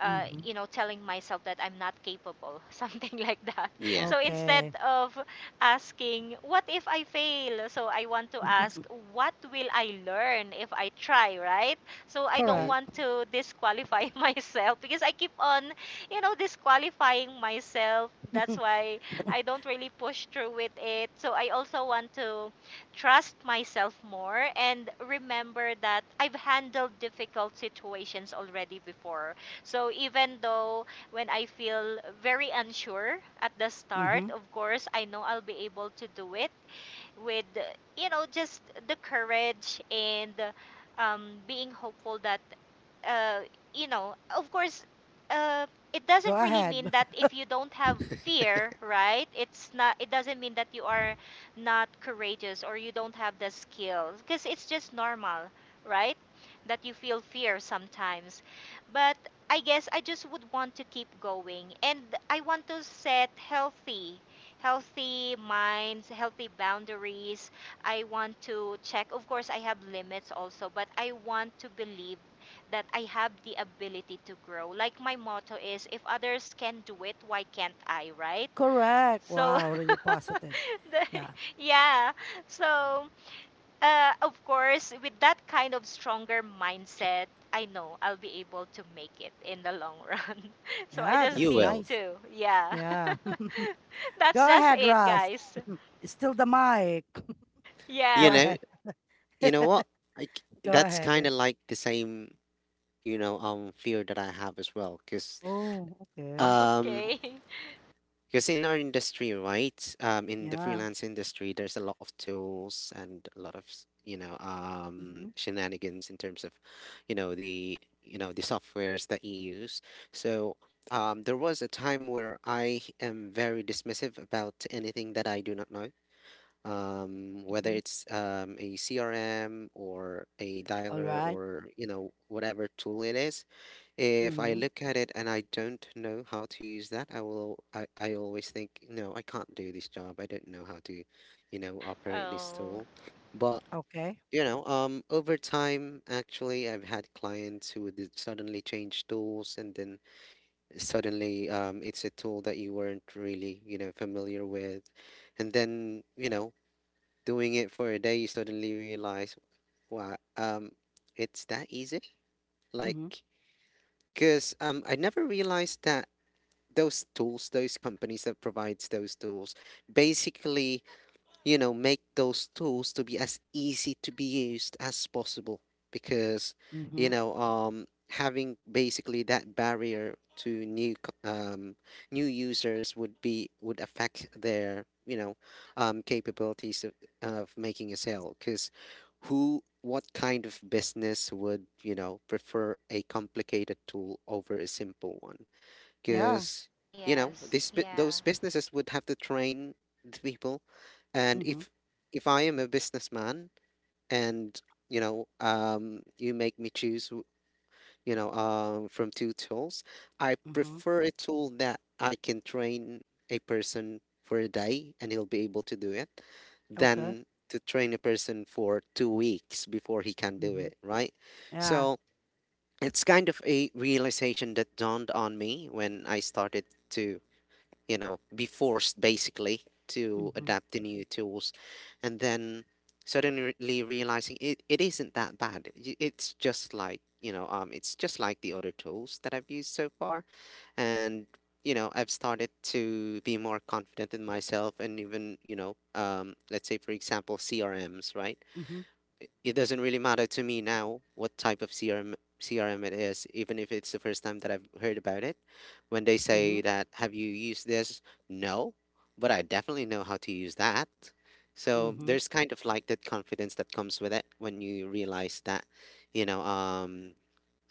[SPEAKER 2] uh,
[SPEAKER 1] Mhm.
[SPEAKER 2] you know telling myself that I'm not capable, [laughs] something like that.
[SPEAKER 3] Yeah.
[SPEAKER 2] So instead
[SPEAKER 1] Okay.
[SPEAKER 2] of asking what if I fail, so I want to ask
[SPEAKER 1] [laughs]
[SPEAKER 2] what will I learn if I try, right? So I don't
[SPEAKER 3] Hmm.
[SPEAKER 1] Correct.
[SPEAKER 2] want to disqualify [laughs] myself because I keep on you know disqualifying myself, that's
[SPEAKER 1] [laughs]
[SPEAKER 2] why I don't really push through with it. So I also want to trust myself more and remember that I've handled difficult situations already before. So even though when I feel very unsure at the start,
[SPEAKER 1] Mm-hmm.
[SPEAKER 2] of course, I know I'll be able to do it with, you know, just the courage and um, being hopeful that uh, you know, of course, uh, it
[SPEAKER 1] Go
[SPEAKER 2] doesn't really
[SPEAKER 1] ahead.
[SPEAKER 2] mean that
[SPEAKER 1] [laughs]
[SPEAKER 2] if you don't have fear, right? It's not. It doesn't mean that you are not courageous or you don't have the skills, because it's just normal, right? That you feel fear sometimes, but I guess I just would want to keep going, and I want to set healthy. Healthy minds, healthy boundaries. I want to check. Of course, I have limits also, but I want to believe that I have the ability to grow. Like my motto is if others can do it, why can't I, right?
[SPEAKER 1] Correct.
[SPEAKER 2] So
[SPEAKER 1] Wow, really positive.
[SPEAKER 2] [laughs] the,
[SPEAKER 1] Yeah.
[SPEAKER 2] yeah. So uh, of course, with that kind of stronger mindset, I know I'll be able to make it in the long run. [laughs] So I
[SPEAKER 1] Yeah,
[SPEAKER 2] just
[SPEAKER 3] You
[SPEAKER 1] that's
[SPEAKER 2] need
[SPEAKER 3] will.
[SPEAKER 1] nice.
[SPEAKER 2] to. Yeah.
[SPEAKER 1] Yeah. [laughs]
[SPEAKER 2] [laughs] That's
[SPEAKER 1] Go
[SPEAKER 2] just
[SPEAKER 1] ahead,
[SPEAKER 2] it,
[SPEAKER 1] Russ.
[SPEAKER 2] guys.
[SPEAKER 1] Still the mic. [laughs]
[SPEAKER 3] You
[SPEAKER 1] Go
[SPEAKER 2] Yeah.
[SPEAKER 3] know,
[SPEAKER 1] ahead.
[SPEAKER 3] you know
[SPEAKER 1] [laughs]
[SPEAKER 3] what? Like
[SPEAKER 1] Go
[SPEAKER 3] that's kind
[SPEAKER 1] ahead.
[SPEAKER 3] of like the same, you know, um, fear that I have as well. Cause
[SPEAKER 1] Oh,
[SPEAKER 2] Oh,
[SPEAKER 1] okay.
[SPEAKER 2] [laughs]
[SPEAKER 3] um,
[SPEAKER 2] okay.
[SPEAKER 3] because in our industry, right, um, in the
[SPEAKER 1] Yeah.
[SPEAKER 3] freelance industry, there's a lot of tools and a lot of s- you know um,
[SPEAKER 1] Mm-hmm.
[SPEAKER 3] shenanigans in terms of, you know, the you know the softwares that you use. So um, there was a time where I am very dismissive about anything that I do not know, um, whether
[SPEAKER 1] Mm-hmm.
[SPEAKER 3] it's um, a C R M or a
[SPEAKER 1] All
[SPEAKER 3] dialer
[SPEAKER 1] right.
[SPEAKER 3] or you know whatever tool it is. If I
[SPEAKER 1] Mm-hmm.
[SPEAKER 3] look at it and I don't know how to use that, I will I, I always think, no, I can't do this job. I don't know how to, you know, operate this
[SPEAKER 2] Oh,
[SPEAKER 3] tool. But,
[SPEAKER 1] Okay.
[SPEAKER 3] you know, um over time actually I've had clients who would suddenly change tools and then suddenly um it's a tool that you weren't really, you know, familiar with. And then, you know, doing it for a day you suddenly realize, wow, um it's that easy?
[SPEAKER 1] Mm-hmm.
[SPEAKER 3] Like because um, I never realized that those tools, those companies that provides those tools, basically, you know, make those tools to be as easy to be used as possible because, you
[SPEAKER 1] Mm-hmm.
[SPEAKER 3] know, um, having basically that barrier to new c- um, new users would be would affect their you know um, capabilities of, of making a sale because who what kind of business would you know prefer a complicated tool over a simple one
[SPEAKER 1] Yeah.
[SPEAKER 3] because you know
[SPEAKER 2] yes.
[SPEAKER 3] this bu-
[SPEAKER 2] Yeah.
[SPEAKER 3] those businesses would have to train the people. And
[SPEAKER 1] Mm-hmm.
[SPEAKER 3] if if I am a businessman and you know um you make me choose w- you know um from two tools, I
[SPEAKER 1] Mm-hmm.
[SPEAKER 3] prefer a tool that I can train a person for a day and he'll be able to do it
[SPEAKER 1] Okay.
[SPEAKER 3] than to train a person for two weeks before he can do
[SPEAKER 1] Mm-hmm.
[SPEAKER 3] it, right?
[SPEAKER 1] Yeah.
[SPEAKER 3] So it's kind of a realization that dawned on me when I started to you know, be forced basically to
[SPEAKER 1] Mm-hmm.
[SPEAKER 3] adapt to new tools. And then suddenly realizing it, it isn't that bad. Y- It's just like, you know, um, it's just like the other tools that I've used so far. And, you know, I've started to be more confident in myself and even, you know, um, let's say, for example, C R Ms, right?
[SPEAKER 1] Mm-hmm.
[SPEAKER 3] It doesn't really matter to me now what type of C R M C R M it is, even if it's the first time that I've heard about it. When they
[SPEAKER 1] Mm-hmm.
[SPEAKER 3] say that, have you used this? No, but I definitely know how to use that. So
[SPEAKER 1] Mm-hmm.
[SPEAKER 3] there's kind of like that confidence that comes with it when you realize that, you know, um,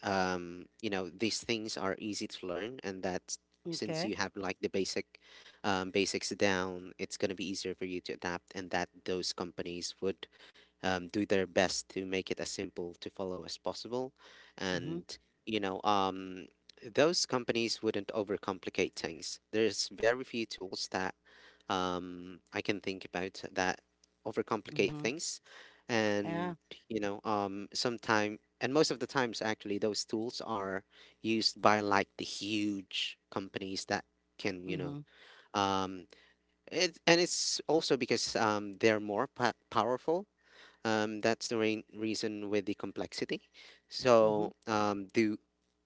[SPEAKER 3] um, you know, these things are easy to learn, and that since
[SPEAKER 1] Okay.
[SPEAKER 3] you have like the basic um, basics down, it's gonna be easier for you to adapt, and that those companies would um, do their best to make it as simple to follow as possible.
[SPEAKER 1] Mm-hmm.
[SPEAKER 3] And, you know, um, those companies wouldn't overcomplicate things. There's very few tools that um, I can think about that overcomplicate
[SPEAKER 1] Mm-hmm.
[SPEAKER 3] things. And,
[SPEAKER 1] Yeah.
[SPEAKER 3] you know, um, sometime, and most of the times, actually, those tools are used by like the huge companies that can, you know,
[SPEAKER 1] Mm-hmm.
[SPEAKER 3] um, it, and it's also because um, they're more pa- powerful um, that's the rain reason with the complexity.
[SPEAKER 1] Mm-hmm.
[SPEAKER 3] So um, the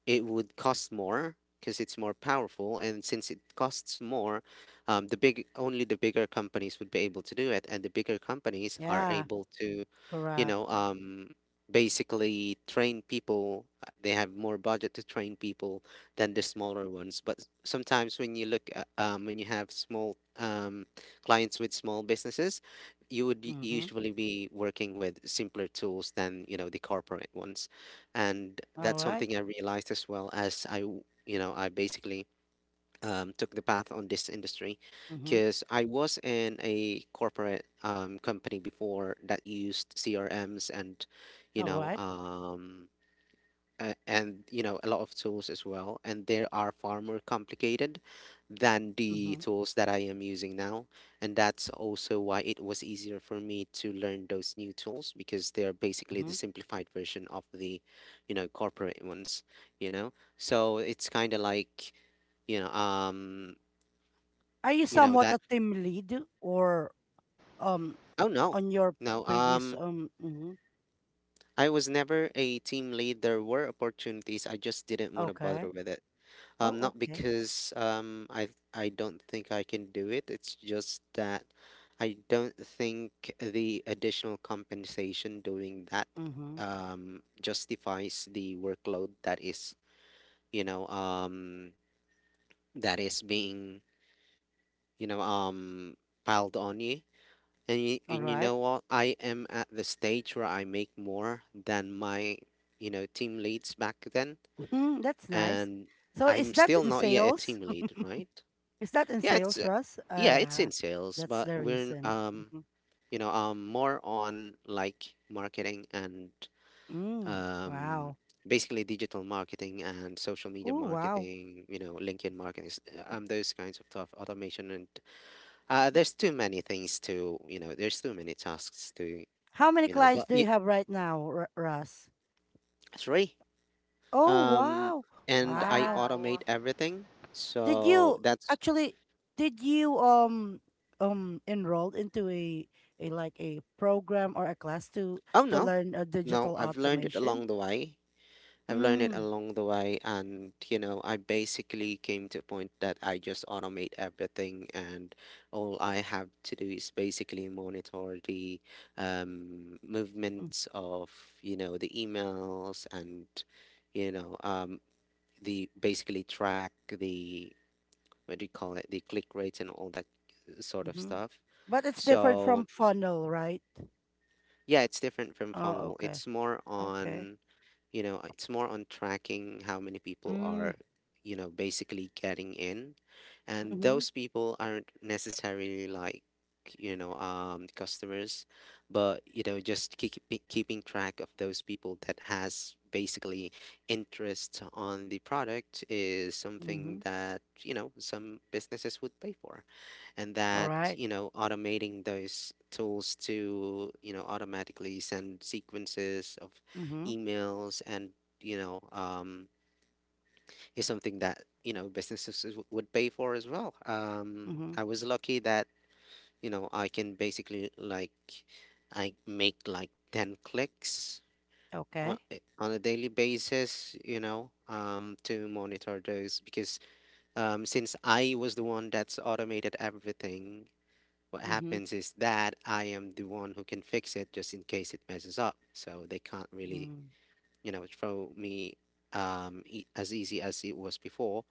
[SPEAKER 3] it would cost more because it's more powerful and since it costs more um, the big only the bigger companies would be able to do it and the bigger companies are
[SPEAKER 1] Yeah.
[SPEAKER 3] able to you know
[SPEAKER 1] Correct.
[SPEAKER 3] um, basically train people, uh, they have more budget to train people than the smaller ones. But s- sometimes when you look at, um, when you have small um, clients with small businesses you would u-
[SPEAKER 1] Mm-hmm.
[SPEAKER 3] usually be working with simpler tools than you know the corporate ones. And
[SPEAKER 1] All
[SPEAKER 3] that's
[SPEAKER 1] right.
[SPEAKER 3] something I realized as well as I, w- you know, I basically um, took the path on this industry,
[SPEAKER 1] Mm-hmm.
[SPEAKER 3] because I was in a corporate um, company before that used C R Ms and, you
[SPEAKER 1] All
[SPEAKER 3] know,
[SPEAKER 1] right.
[SPEAKER 3] um, uh, and you know a lot of tools as well and they are far more complicated than the
[SPEAKER 1] Mm-hmm.
[SPEAKER 3] tools that I am using now. And that's also why it was easier for me to learn those new tools because they're basically the
[SPEAKER 1] Mm-hmm.
[SPEAKER 3] simplified version of the you know corporate ones, you know so it's kind of like you know um
[SPEAKER 1] Are you
[SPEAKER 3] you know
[SPEAKER 1] somewhat
[SPEAKER 3] that
[SPEAKER 1] a team lead or um
[SPEAKER 3] oh no.
[SPEAKER 1] on your
[SPEAKER 3] No,
[SPEAKER 1] previous
[SPEAKER 3] um
[SPEAKER 1] um mm-hmm.
[SPEAKER 3] I was never a team lead. There were opportunities, I just didn't want to bother
[SPEAKER 1] Okay.
[SPEAKER 3] with it.
[SPEAKER 1] Oh,
[SPEAKER 3] Um, not
[SPEAKER 1] okay.
[SPEAKER 3] because um I I don't think I can do it. It's just that I don't think the additional compensation doing that
[SPEAKER 1] Mm-hmm.
[SPEAKER 3] um justifies the workload that is, you know, um that is being, you know, um piled on you. And you,
[SPEAKER 1] All
[SPEAKER 3] and you
[SPEAKER 1] right.
[SPEAKER 3] know what? I am at the stage where I make more than my, you know, team leads back then,
[SPEAKER 1] Mm, that's nice.
[SPEAKER 3] and
[SPEAKER 1] So is
[SPEAKER 3] I'm
[SPEAKER 1] that
[SPEAKER 3] still
[SPEAKER 1] in
[SPEAKER 3] not yet a
[SPEAKER 1] sales?
[SPEAKER 3] team lead, right?
[SPEAKER 1] Is that in
[SPEAKER 3] Yeah, it's
[SPEAKER 1] sales,
[SPEAKER 3] uh,
[SPEAKER 1] Russ? Ah,
[SPEAKER 3] yeah, it's
[SPEAKER 1] yeah.
[SPEAKER 3] in sales,
[SPEAKER 1] That's
[SPEAKER 3] but
[SPEAKER 1] the
[SPEAKER 3] we're
[SPEAKER 1] reason.
[SPEAKER 3] um
[SPEAKER 1] Mhm.
[SPEAKER 3] you know um more on like marketing and
[SPEAKER 1] Mm,
[SPEAKER 3] um
[SPEAKER 1] wow.
[SPEAKER 3] basically digital marketing and social media
[SPEAKER 1] Oh, wow.
[SPEAKER 3] marketing, you know, LinkedIn marketing, s- uh, um those kinds of stuff, automation and uh there's too many things to, you know, there's too many tasks to,
[SPEAKER 1] How many
[SPEAKER 3] you know,
[SPEAKER 1] clients
[SPEAKER 3] but
[SPEAKER 1] do
[SPEAKER 3] y
[SPEAKER 1] you have right now, R- Russ?
[SPEAKER 3] three.
[SPEAKER 1] Oh,
[SPEAKER 3] Um
[SPEAKER 1] wow.
[SPEAKER 3] and I
[SPEAKER 1] Wow.
[SPEAKER 2] Wow.
[SPEAKER 3] automate everything.
[SPEAKER 1] Did
[SPEAKER 3] So
[SPEAKER 1] you
[SPEAKER 3] that's
[SPEAKER 1] actually did you um um enrolled into a a like a program or a class to
[SPEAKER 3] oh
[SPEAKER 1] to
[SPEAKER 3] no.
[SPEAKER 1] learn a
[SPEAKER 3] No,
[SPEAKER 1] digital
[SPEAKER 3] I've learned it
[SPEAKER 1] automation?
[SPEAKER 3] along the way. I've learned it
[SPEAKER 1] Mm.
[SPEAKER 3] along the way, and you know, I basically came to a point that I just automate everything, and all I have to do is basically monitor the um, movements of you know the emails and you know um, the basically track the what do you call it the click rates and all that sort of
[SPEAKER 1] Mm-hmm.
[SPEAKER 3] stuff.
[SPEAKER 1] But it's different
[SPEAKER 3] So
[SPEAKER 1] from funnel, right?
[SPEAKER 3] yeah, it's different from
[SPEAKER 1] Oh,
[SPEAKER 3] funnel.
[SPEAKER 1] okay.
[SPEAKER 3] It's more
[SPEAKER 1] Okay.
[SPEAKER 3] on you know it's more on tracking how many people
[SPEAKER 1] Mm,
[SPEAKER 3] are you know basically getting in and
[SPEAKER 1] mm-hmm.
[SPEAKER 3] those people aren't necessarily like you know um customers, but you know just keep, keeping track of those people that has basically interest on the product is
[SPEAKER 1] Mm-hmm.
[SPEAKER 3] something that you know some businesses would pay for. And
[SPEAKER 1] All
[SPEAKER 3] that
[SPEAKER 1] right.
[SPEAKER 3] you know automating those tools to you know automatically send sequences of
[SPEAKER 1] Mm-hmm.
[SPEAKER 3] emails and you know um, is something that you know businesses is- would pay for as well. um,
[SPEAKER 1] Mm-hmm.
[SPEAKER 3] I was lucky that you know I can basically like I make like ten clicks on,
[SPEAKER 1] Okay.
[SPEAKER 3] eh, on a daily basis you know um, to monitor those because um, since I was the one that's automated everything what
[SPEAKER 1] Mm-hmm.
[SPEAKER 3] happens is that I am the one who can fix it just in case it messes up so they can't really
[SPEAKER 1] Mm.
[SPEAKER 3] you know throw me um e- as easy as it was before.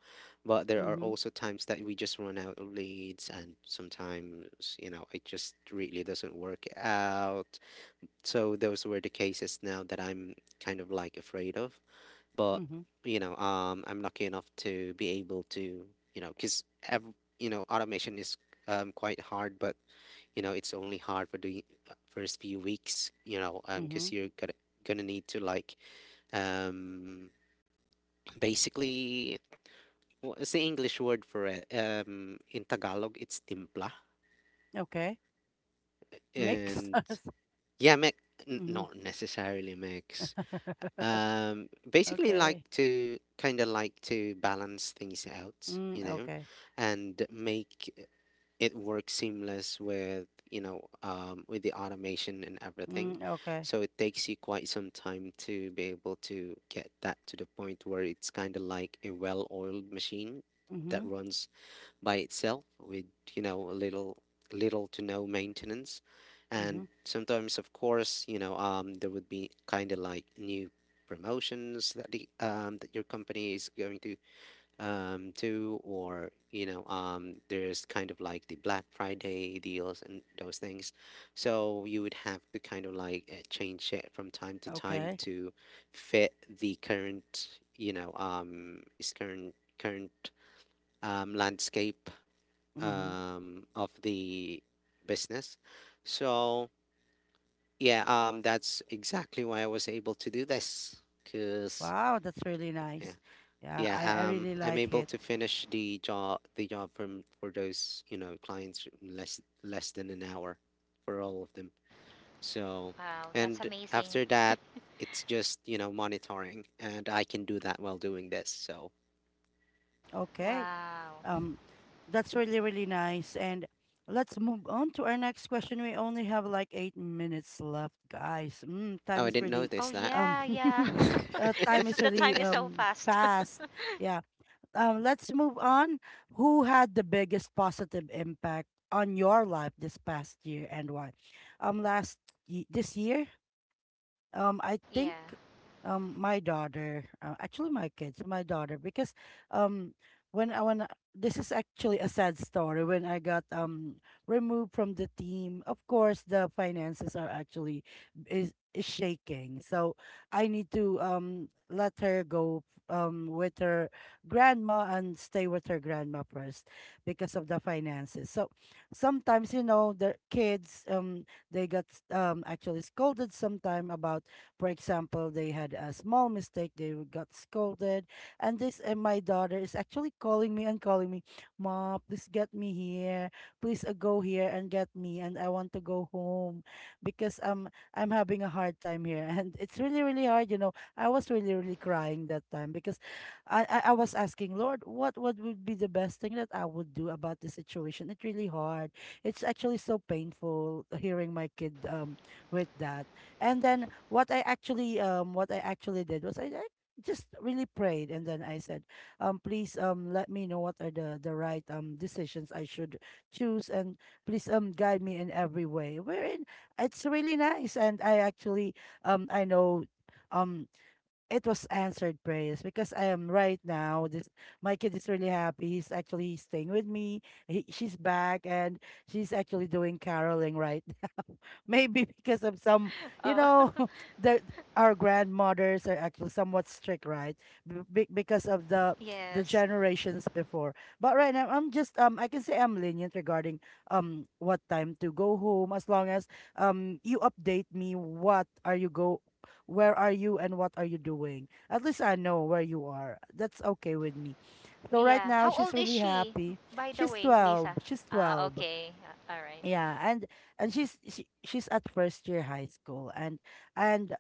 [SPEAKER 3] But there are
[SPEAKER 1] Mm-hmm.
[SPEAKER 3] also times that we just run out of leads and sometimes you know it just really doesn't work out. So those were the cases now that I'm kind of like afraid of, but
[SPEAKER 1] Mm-hmm.
[SPEAKER 3] you know um I'm lucky enough to be able to you know because ev- you know automation is um quite hard, but you know it's only hard for the uh, first few weeks you know um
[SPEAKER 1] Mm-hmm.
[SPEAKER 3] because you're gonna gonna need to like um, basically, what's the English word for it? Um, in Tagalog, it's timpla.
[SPEAKER 1] Okay. Mix.
[SPEAKER 3] And
[SPEAKER 1] [laughs]
[SPEAKER 3] yeah, me- n-
[SPEAKER 1] Mm-hmm.
[SPEAKER 3] not necessarily mix.
[SPEAKER 1] [laughs]
[SPEAKER 3] Um, basically, like
[SPEAKER 1] Okay.
[SPEAKER 3] to kind of like to balance things out, you
[SPEAKER 1] Mm,
[SPEAKER 3] know,
[SPEAKER 1] okay.
[SPEAKER 3] and make it works seamless with you know um, with the automation and everything.
[SPEAKER 1] Mm, okay.
[SPEAKER 3] So it takes you quite some time to be able to get that to the point where it's kind of like a well-oiled machine that
[SPEAKER 1] Mm-hmm.
[SPEAKER 3] runs by itself with you know a little, little to no maintenance. And
[SPEAKER 1] Mm-hmm.
[SPEAKER 3] sometimes of course you know um, there would be kind of like new promotions that the um, that your company is going to um, too, or you know, um, there's kind of like the Black Friday deals and those things. So you would have to kind of like uh, change it from time to time
[SPEAKER 1] Okay.
[SPEAKER 3] to fit the current, you know, um, is current current um, landscape
[SPEAKER 1] Mm-hmm.
[SPEAKER 3] um, of the business. So yeah, um, that's exactly why I was able to do this, cause.
[SPEAKER 1] Wow, that's really
[SPEAKER 3] Yeah.
[SPEAKER 1] nice. Yeah, I,
[SPEAKER 3] Yeah,
[SPEAKER 1] I
[SPEAKER 3] um,
[SPEAKER 1] really
[SPEAKER 3] I'm
[SPEAKER 1] like
[SPEAKER 3] able
[SPEAKER 1] it.
[SPEAKER 3] to finish the job the job from for those, you know, clients in less less than an hour for all of them. So,
[SPEAKER 2] Wow. That's
[SPEAKER 3] and
[SPEAKER 2] amazing.
[SPEAKER 3] after that, it's just, you know, monitoring, and I can do that while doing this. So,
[SPEAKER 1] Okay.
[SPEAKER 2] Wow.
[SPEAKER 1] Um, that's really, really nice. And let's move on to our next question. We only have like eight minutes left, guys. Mm,
[SPEAKER 3] oh,
[SPEAKER 1] time
[SPEAKER 3] I
[SPEAKER 1] is
[SPEAKER 3] didn't
[SPEAKER 1] really,
[SPEAKER 2] Oh
[SPEAKER 3] notice that.
[SPEAKER 1] um,
[SPEAKER 2] yeah, yeah.
[SPEAKER 1] [laughs]
[SPEAKER 3] [laughs]
[SPEAKER 1] uh,
[SPEAKER 2] [laughs]
[SPEAKER 1] time
[SPEAKER 2] It's
[SPEAKER 1] is
[SPEAKER 2] the time
[SPEAKER 1] really
[SPEAKER 2] is so
[SPEAKER 1] um
[SPEAKER 2] fast.
[SPEAKER 1] fast. Yeah. Um, let's move on. Who had the biggest positive impact on your life this past year and why? Um, last ye- this year, um, I
[SPEAKER 2] [laughs]
[SPEAKER 1] think
[SPEAKER 2] Yeah.
[SPEAKER 1] um my daughter, uh, actually my kids, my daughter, because um when I when I- this is actually a sad story when I got um removed from the team. Of course, the finances are actually is, is shaking, so I need to um let her go um with her grandma and stay with her grandma first because of the finances. So sometimes you know the kids um they got um, actually scolded sometime about, for example, they had a small mistake, they got scolded. And this, and my daughter is actually calling me and calling me, Ma, please get me here. Please uh, go here and get me. And I want to go home because um, I'm having a hard time here. [laughs] And it's really, really hard. You know, I was really, really crying that time because I, I, I was asking, Lord, what, what would be the best thing that I would do about this situation? It's really hard. It's actually so painful hearing my kid um with that. And then what I actually um what I actually did was I, I just really prayed and then I said, um please um let me know what are the the right um decisions I should choose and please um guide me in every way. Wherein it's really nice and I actually um I know um it was answered prayers because I am right now. This my kid is really happy. He's actually staying with me. He, she's back and she's actually doing caroling right. Maybe [laughs] because of some, you
[SPEAKER 2] Oh.
[SPEAKER 1] know, [laughs]
[SPEAKER 2] [laughs]
[SPEAKER 1] the our grandmothers are actually somewhat strict, right? B- be- because of the the
[SPEAKER 2] Yes.
[SPEAKER 1] generations before. But right now, I'm just um, I can say I'm lenient regarding um what time to go home as long as um you update me, what are you go where are you and what are you doing. At least I know where you are. That's okay with me. So right
[SPEAKER 2] Yeah.
[SPEAKER 1] now
[SPEAKER 2] How
[SPEAKER 1] she's
[SPEAKER 2] old is
[SPEAKER 1] really
[SPEAKER 2] she,
[SPEAKER 1] happy.
[SPEAKER 2] by the
[SPEAKER 1] she's
[SPEAKER 2] way,
[SPEAKER 1] 12
[SPEAKER 2] Lisa?
[SPEAKER 1] she's
[SPEAKER 2] Ah,
[SPEAKER 1] 12
[SPEAKER 2] okay. Uh, all right.
[SPEAKER 1] yeah and and she's she, she's at first year high school. And and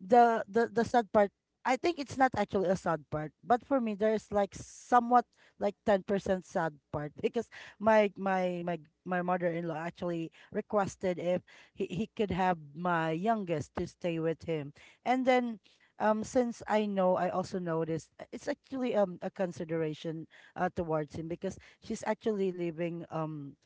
[SPEAKER 1] the the the sad part, I think it's not actually a sad part, but for me there's like somewhat like ten percent sad part, [laughs] because my my my my mother-in-law actually requested if he, he could have my youngest to stay with him. And then um since I know I also noticed, uh, it's actually um a consideration uh, towards him, because she's actually living um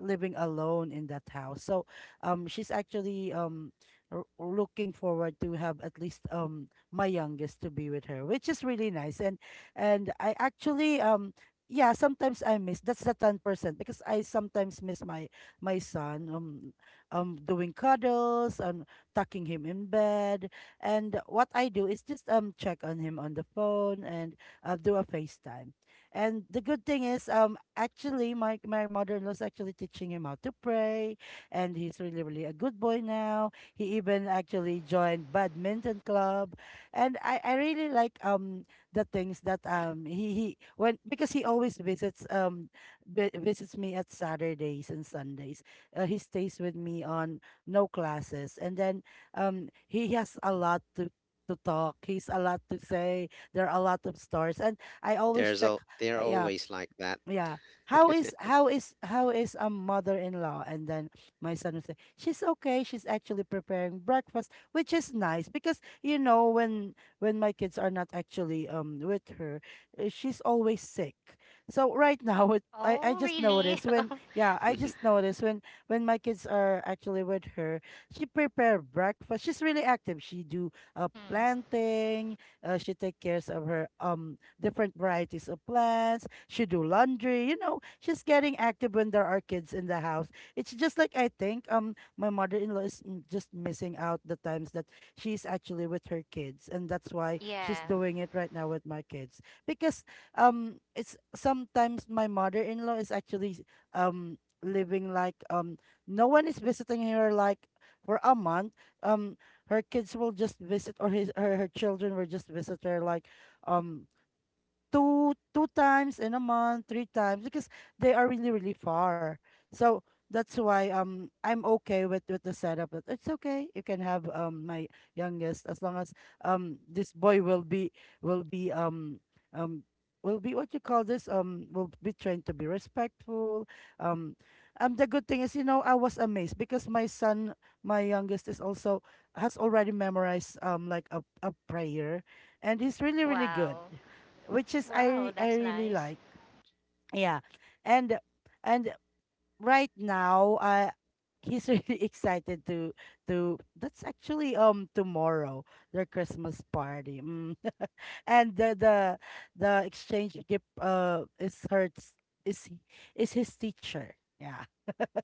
[SPEAKER 1] living alone in that house. So um she's actually um r- looking forward to have at least um my youngest to be with her, which is really nice. And and I actually, um yeah, sometimes I miss, that's the ten percent, because I sometimes miss my my son um um doing cuddles and tucking him in bed. And what I do is just um check on him on the phone and uh, do a FaceTime. And the good thing is, um, actually, my my mother-in-law's actually teaching him how to pray, and he's really, really a good boy now. He even actually joined badminton club, and I I really like um the things that, um he he when because he always visits um vi- visits me at Saturdays and Sundays. Uh, he stays with me on no classes, and then um he has a lot to to talk. He's a lot to say. There are a lot of stories, and I always
[SPEAKER 3] There's
[SPEAKER 1] check.
[SPEAKER 3] all they're
[SPEAKER 1] uh, Yeah,
[SPEAKER 3] always like that.
[SPEAKER 1] yeah. How is how is how is a mother-in-law? And then my son would say, She's okay, she's actually preparing breakfast, which is nice because you know when when my kids are not actually um with her, uh, she's always sick. So right [laughs] now it, I, I
[SPEAKER 2] Oh,
[SPEAKER 1] just
[SPEAKER 2] really?
[SPEAKER 1] noticed when,
[SPEAKER 2] [laughs]
[SPEAKER 1] yeah, I just
[SPEAKER 3] [laughs]
[SPEAKER 1] noticed when when my kids are actually with her, she prepare breakfast. She's really active. She do uh
[SPEAKER 2] Mm-hmm.
[SPEAKER 1] planting. Uh, she take cares of her um different varieties of plants. She do laundry. You know, she's getting active when there are kids in the house. It's just like I think um my mother-in-law is mm, just missing out the times that she's actually with her kids, and that's why she's
[SPEAKER 2] Yeah.
[SPEAKER 1] doing it right now with my kids, because um it's sometimes my mother-in-law is actually um living like, um no one is visiting her like for a month. um Her kids will just visit, or his her, her children will just visit her like, um two two times in a month, three times, because they are really, really far. So that's why um I'm okay with with the setup. That it's okay. You can have um my youngest as long as um this boy will be will be um um will be what you call this, um will be trained to be respectful. Um um the good thing is, you know I was amazed because my son my youngest is also has already memorized um like a, a prayer, and he's really really good,
[SPEAKER 2] Wow.
[SPEAKER 1] which is
[SPEAKER 2] Wow,
[SPEAKER 1] I I
[SPEAKER 2] that's
[SPEAKER 1] really
[SPEAKER 2] nice.
[SPEAKER 1] like. Yeah. And and right now uh he's really [laughs] excited, to to that's actually um tomorrow their Christmas party. Mm. [laughs] and the the the exchange gift uh is her is is his teacher. Yeah. [laughs]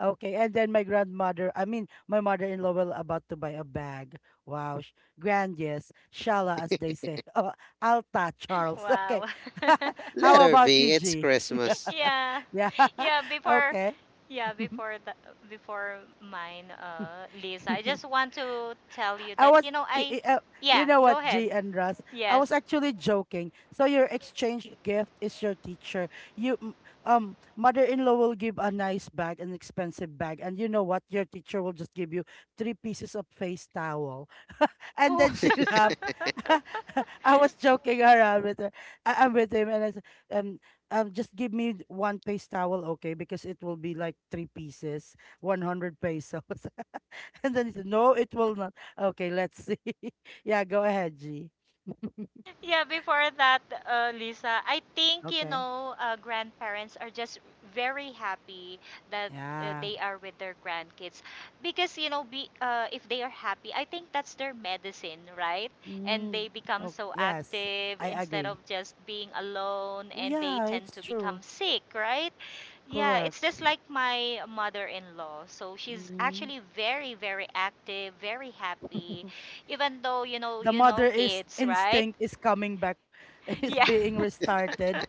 [SPEAKER 1] Okay, and then my grandmother, I mean, my mother-in-law will about to buy a bag. Wow, sh- grand, yes. Shala, as they say. [laughs] Oh, Alta,
[SPEAKER 2] [laughs]
[SPEAKER 1] Charles. Okay.
[SPEAKER 2] Wow. [laughs]
[SPEAKER 1] [laughs]
[SPEAKER 3] Let
[SPEAKER 1] How
[SPEAKER 3] her
[SPEAKER 1] about
[SPEAKER 3] be,
[SPEAKER 1] you,
[SPEAKER 3] it's
[SPEAKER 1] G?
[SPEAKER 3] Christmas.
[SPEAKER 1] [laughs]
[SPEAKER 2] yeah
[SPEAKER 1] Yeah. [laughs]
[SPEAKER 2] yeah before
[SPEAKER 1] Okay.
[SPEAKER 2] yeah
[SPEAKER 1] [laughs]
[SPEAKER 2] before the before mine, uh Lisa, I just want to tell you
[SPEAKER 1] I
[SPEAKER 2] that
[SPEAKER 1] was,
[SPEAKER 2] you know
[SPEAKER 1] I-
[SPEAKER 2] I
[SPEAKER 1] I- uh, you
[SPEAKER 2] yeah
[SPEAKER 1] know
[SPEAKER 2] go
[SPEAKER 1] what,
[SPEAKER 2] ahead
[SPEAKER 1] G and Russ, I was
[SPEAKER 2] yes
[SPEAKER 1] actually joking. So your exchange gift is your teacher. You, m- um, mother-in-law will give a nice bag, an expensive bag, and you know what, your teacher will just give you three pieces of face towel, and
[SPEAKER 2] oh.
[SPEAKER 1] then she
[SPEAKER 3] [laughs]
[SPEAKER 1] [laughs] laughed.
[SPEAKER 2] [laughs]
[SPEAKER 1] [laughs] I was joking around with her. I, I'm with him, and I said, um, um, just give me one face towel, okay? Because it will be like three pieces, one hundred pesos. [laughs] [laughs] And then he said, no, it will not. Okay, let's see. [laughs] Yeah, go ahead, G.
[SPEAKER 2] Yeah, before that, uh, Lisa, I think, you
[SPEAKER 1] Okay.
[SPEAKER 2] know, uh, grandparents are just very happy that uh,
[SPEAKER 1] Yeah.
[SPEAKER 2] they are with their grandkids because, you know, be, uh, if they are happy, I think that's their medicine, right? And
[SPEAKER 1] Mm,
[SPEAKER 2] they become
[SPEAKER 1] oh,
[SPEAKER 2] so
[SPEAKER 1] yes,
[SPEAKER 2] active
[SPEAKER 1] I
[SPEAKER 2] instead of
[SPEAKER 1] agree.
[SPEAKER 2] just being alone,
[SPEAKER 1] Well,
[SPEAKER 2] and they
[SPEAKER 1] yeah,
[SPEAKER 2] tend
[SPEAKER 1] it's
[SPEAKER 2] to become
[SPEAKER 1] true.
[SPEAKER 2] sick, right? Yeah,
[SPEAKER 1] Correct.
[SPEAKER 2] it's just like my mother-in-law. So she's
[SPEAKER 1] Mm.
[SPEAKER 2] actually very, very active, very happy,
[SPEAKER 1] [laughs]
[SPEAKER 2] even though, you know,
[SPEAKER 1] The
[SPEAKER 2] you
[SPEAKER 1] mother
[SPEAKER 2] know
[SPEAKER 1] is
[SPEAKER 2] kids, right?
[SPEAKER 1] instinct is coming back, [laughs] is
[SPEAKER 2] Yeah. [laughs]
[SPEAKER 1] being restarted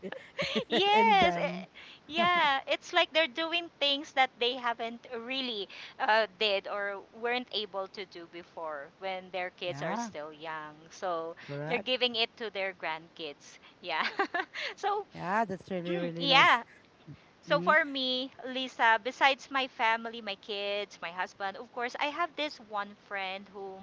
[SPEAKER 1] [laughs] in
[SPEAKER 2] Yes. eh,
[SPEAKER 1] them. [laughs]
[SPEAKER 2] Yeah. It's like they're doing things that they haven't really uh, did or weren't able to do before when their kids are
[SPEAKER 1] Yeah,
[SPEAKER 2] still young. So they're
[SPEAKER 1] correct.
[SPEAKER 2] giving it to their grandkids. Yeah. [laughs] So
[SPEAKER 1] Yeah, that's
[SPEAKER 2] [clears throat]
[SPEAKER 1] really,
[SPEAKER 2] mm,
[SPEAKER 1] really nice.
[SPEAKER 2] yeah. So
[SPEAKER 1] Mm-hmm.
[SPEAKER 2] for me, Lisa, besides my family, my kids, my husband, of course, I have this one friend whom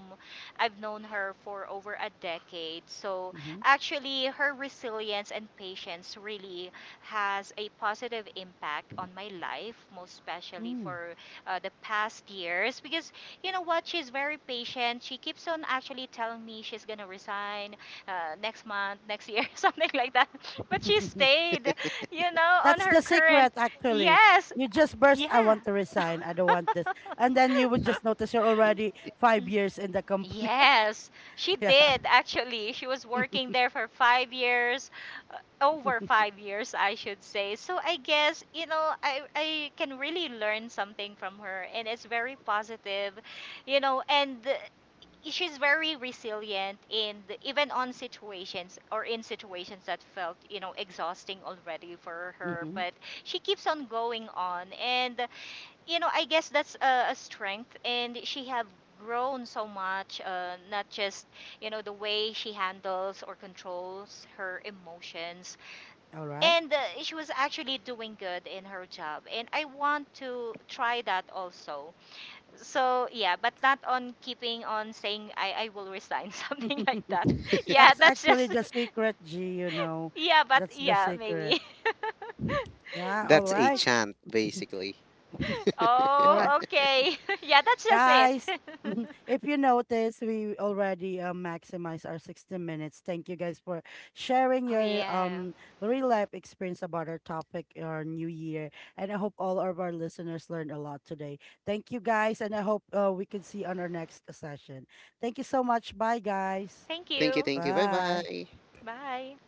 [SPEAKER 2] I've known her for over a decade. So
[SPEAKER 1] Mm-hmm.
[SPEAKER 2] actually, her resilience and patience really has a positive impact on my life, most especially
[SPEAKER 1] Mm.
[SPEAKER 2] for uh, the past years. Because you know what? She's very patient. She keeps on actually telling me she's gonna resign uh, next month, next year, [laughs] something like that. But she
[SPEAKER 1] [laughs]
[SPEAKER 2] stayed you know, on
[SPEAKER 1] That's
[SPEAKER 2] her
[SPEAKER 1] the
[SPEAKER 2] current.
[SPEAKER 1] secret, actually.
[SPEAKER 2] Yes,
[SPEAKER 1] You just burst, I
[SPEAKER 2] yeah,
[SPEAKER 1] want to resign. I don't want this. And then you would just notice you're already five years in the company.
[SPEAKER 2] yes, she
[SPEAKER 1] [laughs] Yeah.
[SPEAKER 2] did actually. She was working there for five years, uh, over five
[SPEAKER 1] [laughs]
[SPEAKER 2] years, I should say. So I guess, you know, I, I can really learn something from her, and it's very positive, you know, and uh, she's very resilient in the, even on situations or in situations that felt, you know, exhausting already for her,
[SPEAKER 1] Mm-hmm.
[SPEAKER 2] but she keeps on going on, and you know, I guess that's a, a strength, and she have grown so much. Uh, not just you know the way she handles or controls her emotions,
[SPEAKER 1] All right.
[SPEAKER 2] and uh, she was actually doing good in her job. And I want to try that also. So yeah, but not on keeping on saying I I will resign, [laughs] something like
[SPEAKER 1] [laughs]
[SPEAKER 2] that. Yeah,
[SPEAKER 1] That's
[SPEAKER 2] that's
[SPEAKER 1] actually
[SPEAKER 2] just
[SPEAKER 1] the secret, G, you know.
[SPEAKER 2] [laughs] yeah, but
[SPEAKER 1] That's the
[SPEAKER 2] yeah maybe.
[SPEAKER 1] secret.
[SPEAKER 2] [laughs]
[SPEAKER 1] Yeah. All
[SPEAKER 3] That's a
[SPEAKER 1] right.
[SPEAKER 3] chant, basically.
[SPEAKER 1] All right.
[SPEAKER 2] Oh okay, [laughs] yeah, that's just it.
[SPEAKER 1] Guys,
[SPEAKER 2] [laughs]
[SPEAKER 1] [laughs] mhm, if you notice, we already uh, maximize our sixty minutes. Thank you guys for sharing
[SPEAKER 2] Oh
[SPEAKER 1] your
[SPEAKER 2] yeah,
[SPEAKER 1] um real life experience about our topic, our new year. And I hope all of our listeners learned a lot today. Thank you guys, and I hope uh, we can see on our next session. Thank you so much. Bye, guys.
[SPEAKER 2] thank
[SPEAKER 3] Thank you,
[SPEAKER 2] you.
[SPEAKER 3] thank you. Bye
[SPEAKER 1] Bye.
[SPEAKER 3] bye.
[SPEAKER 2] Bye.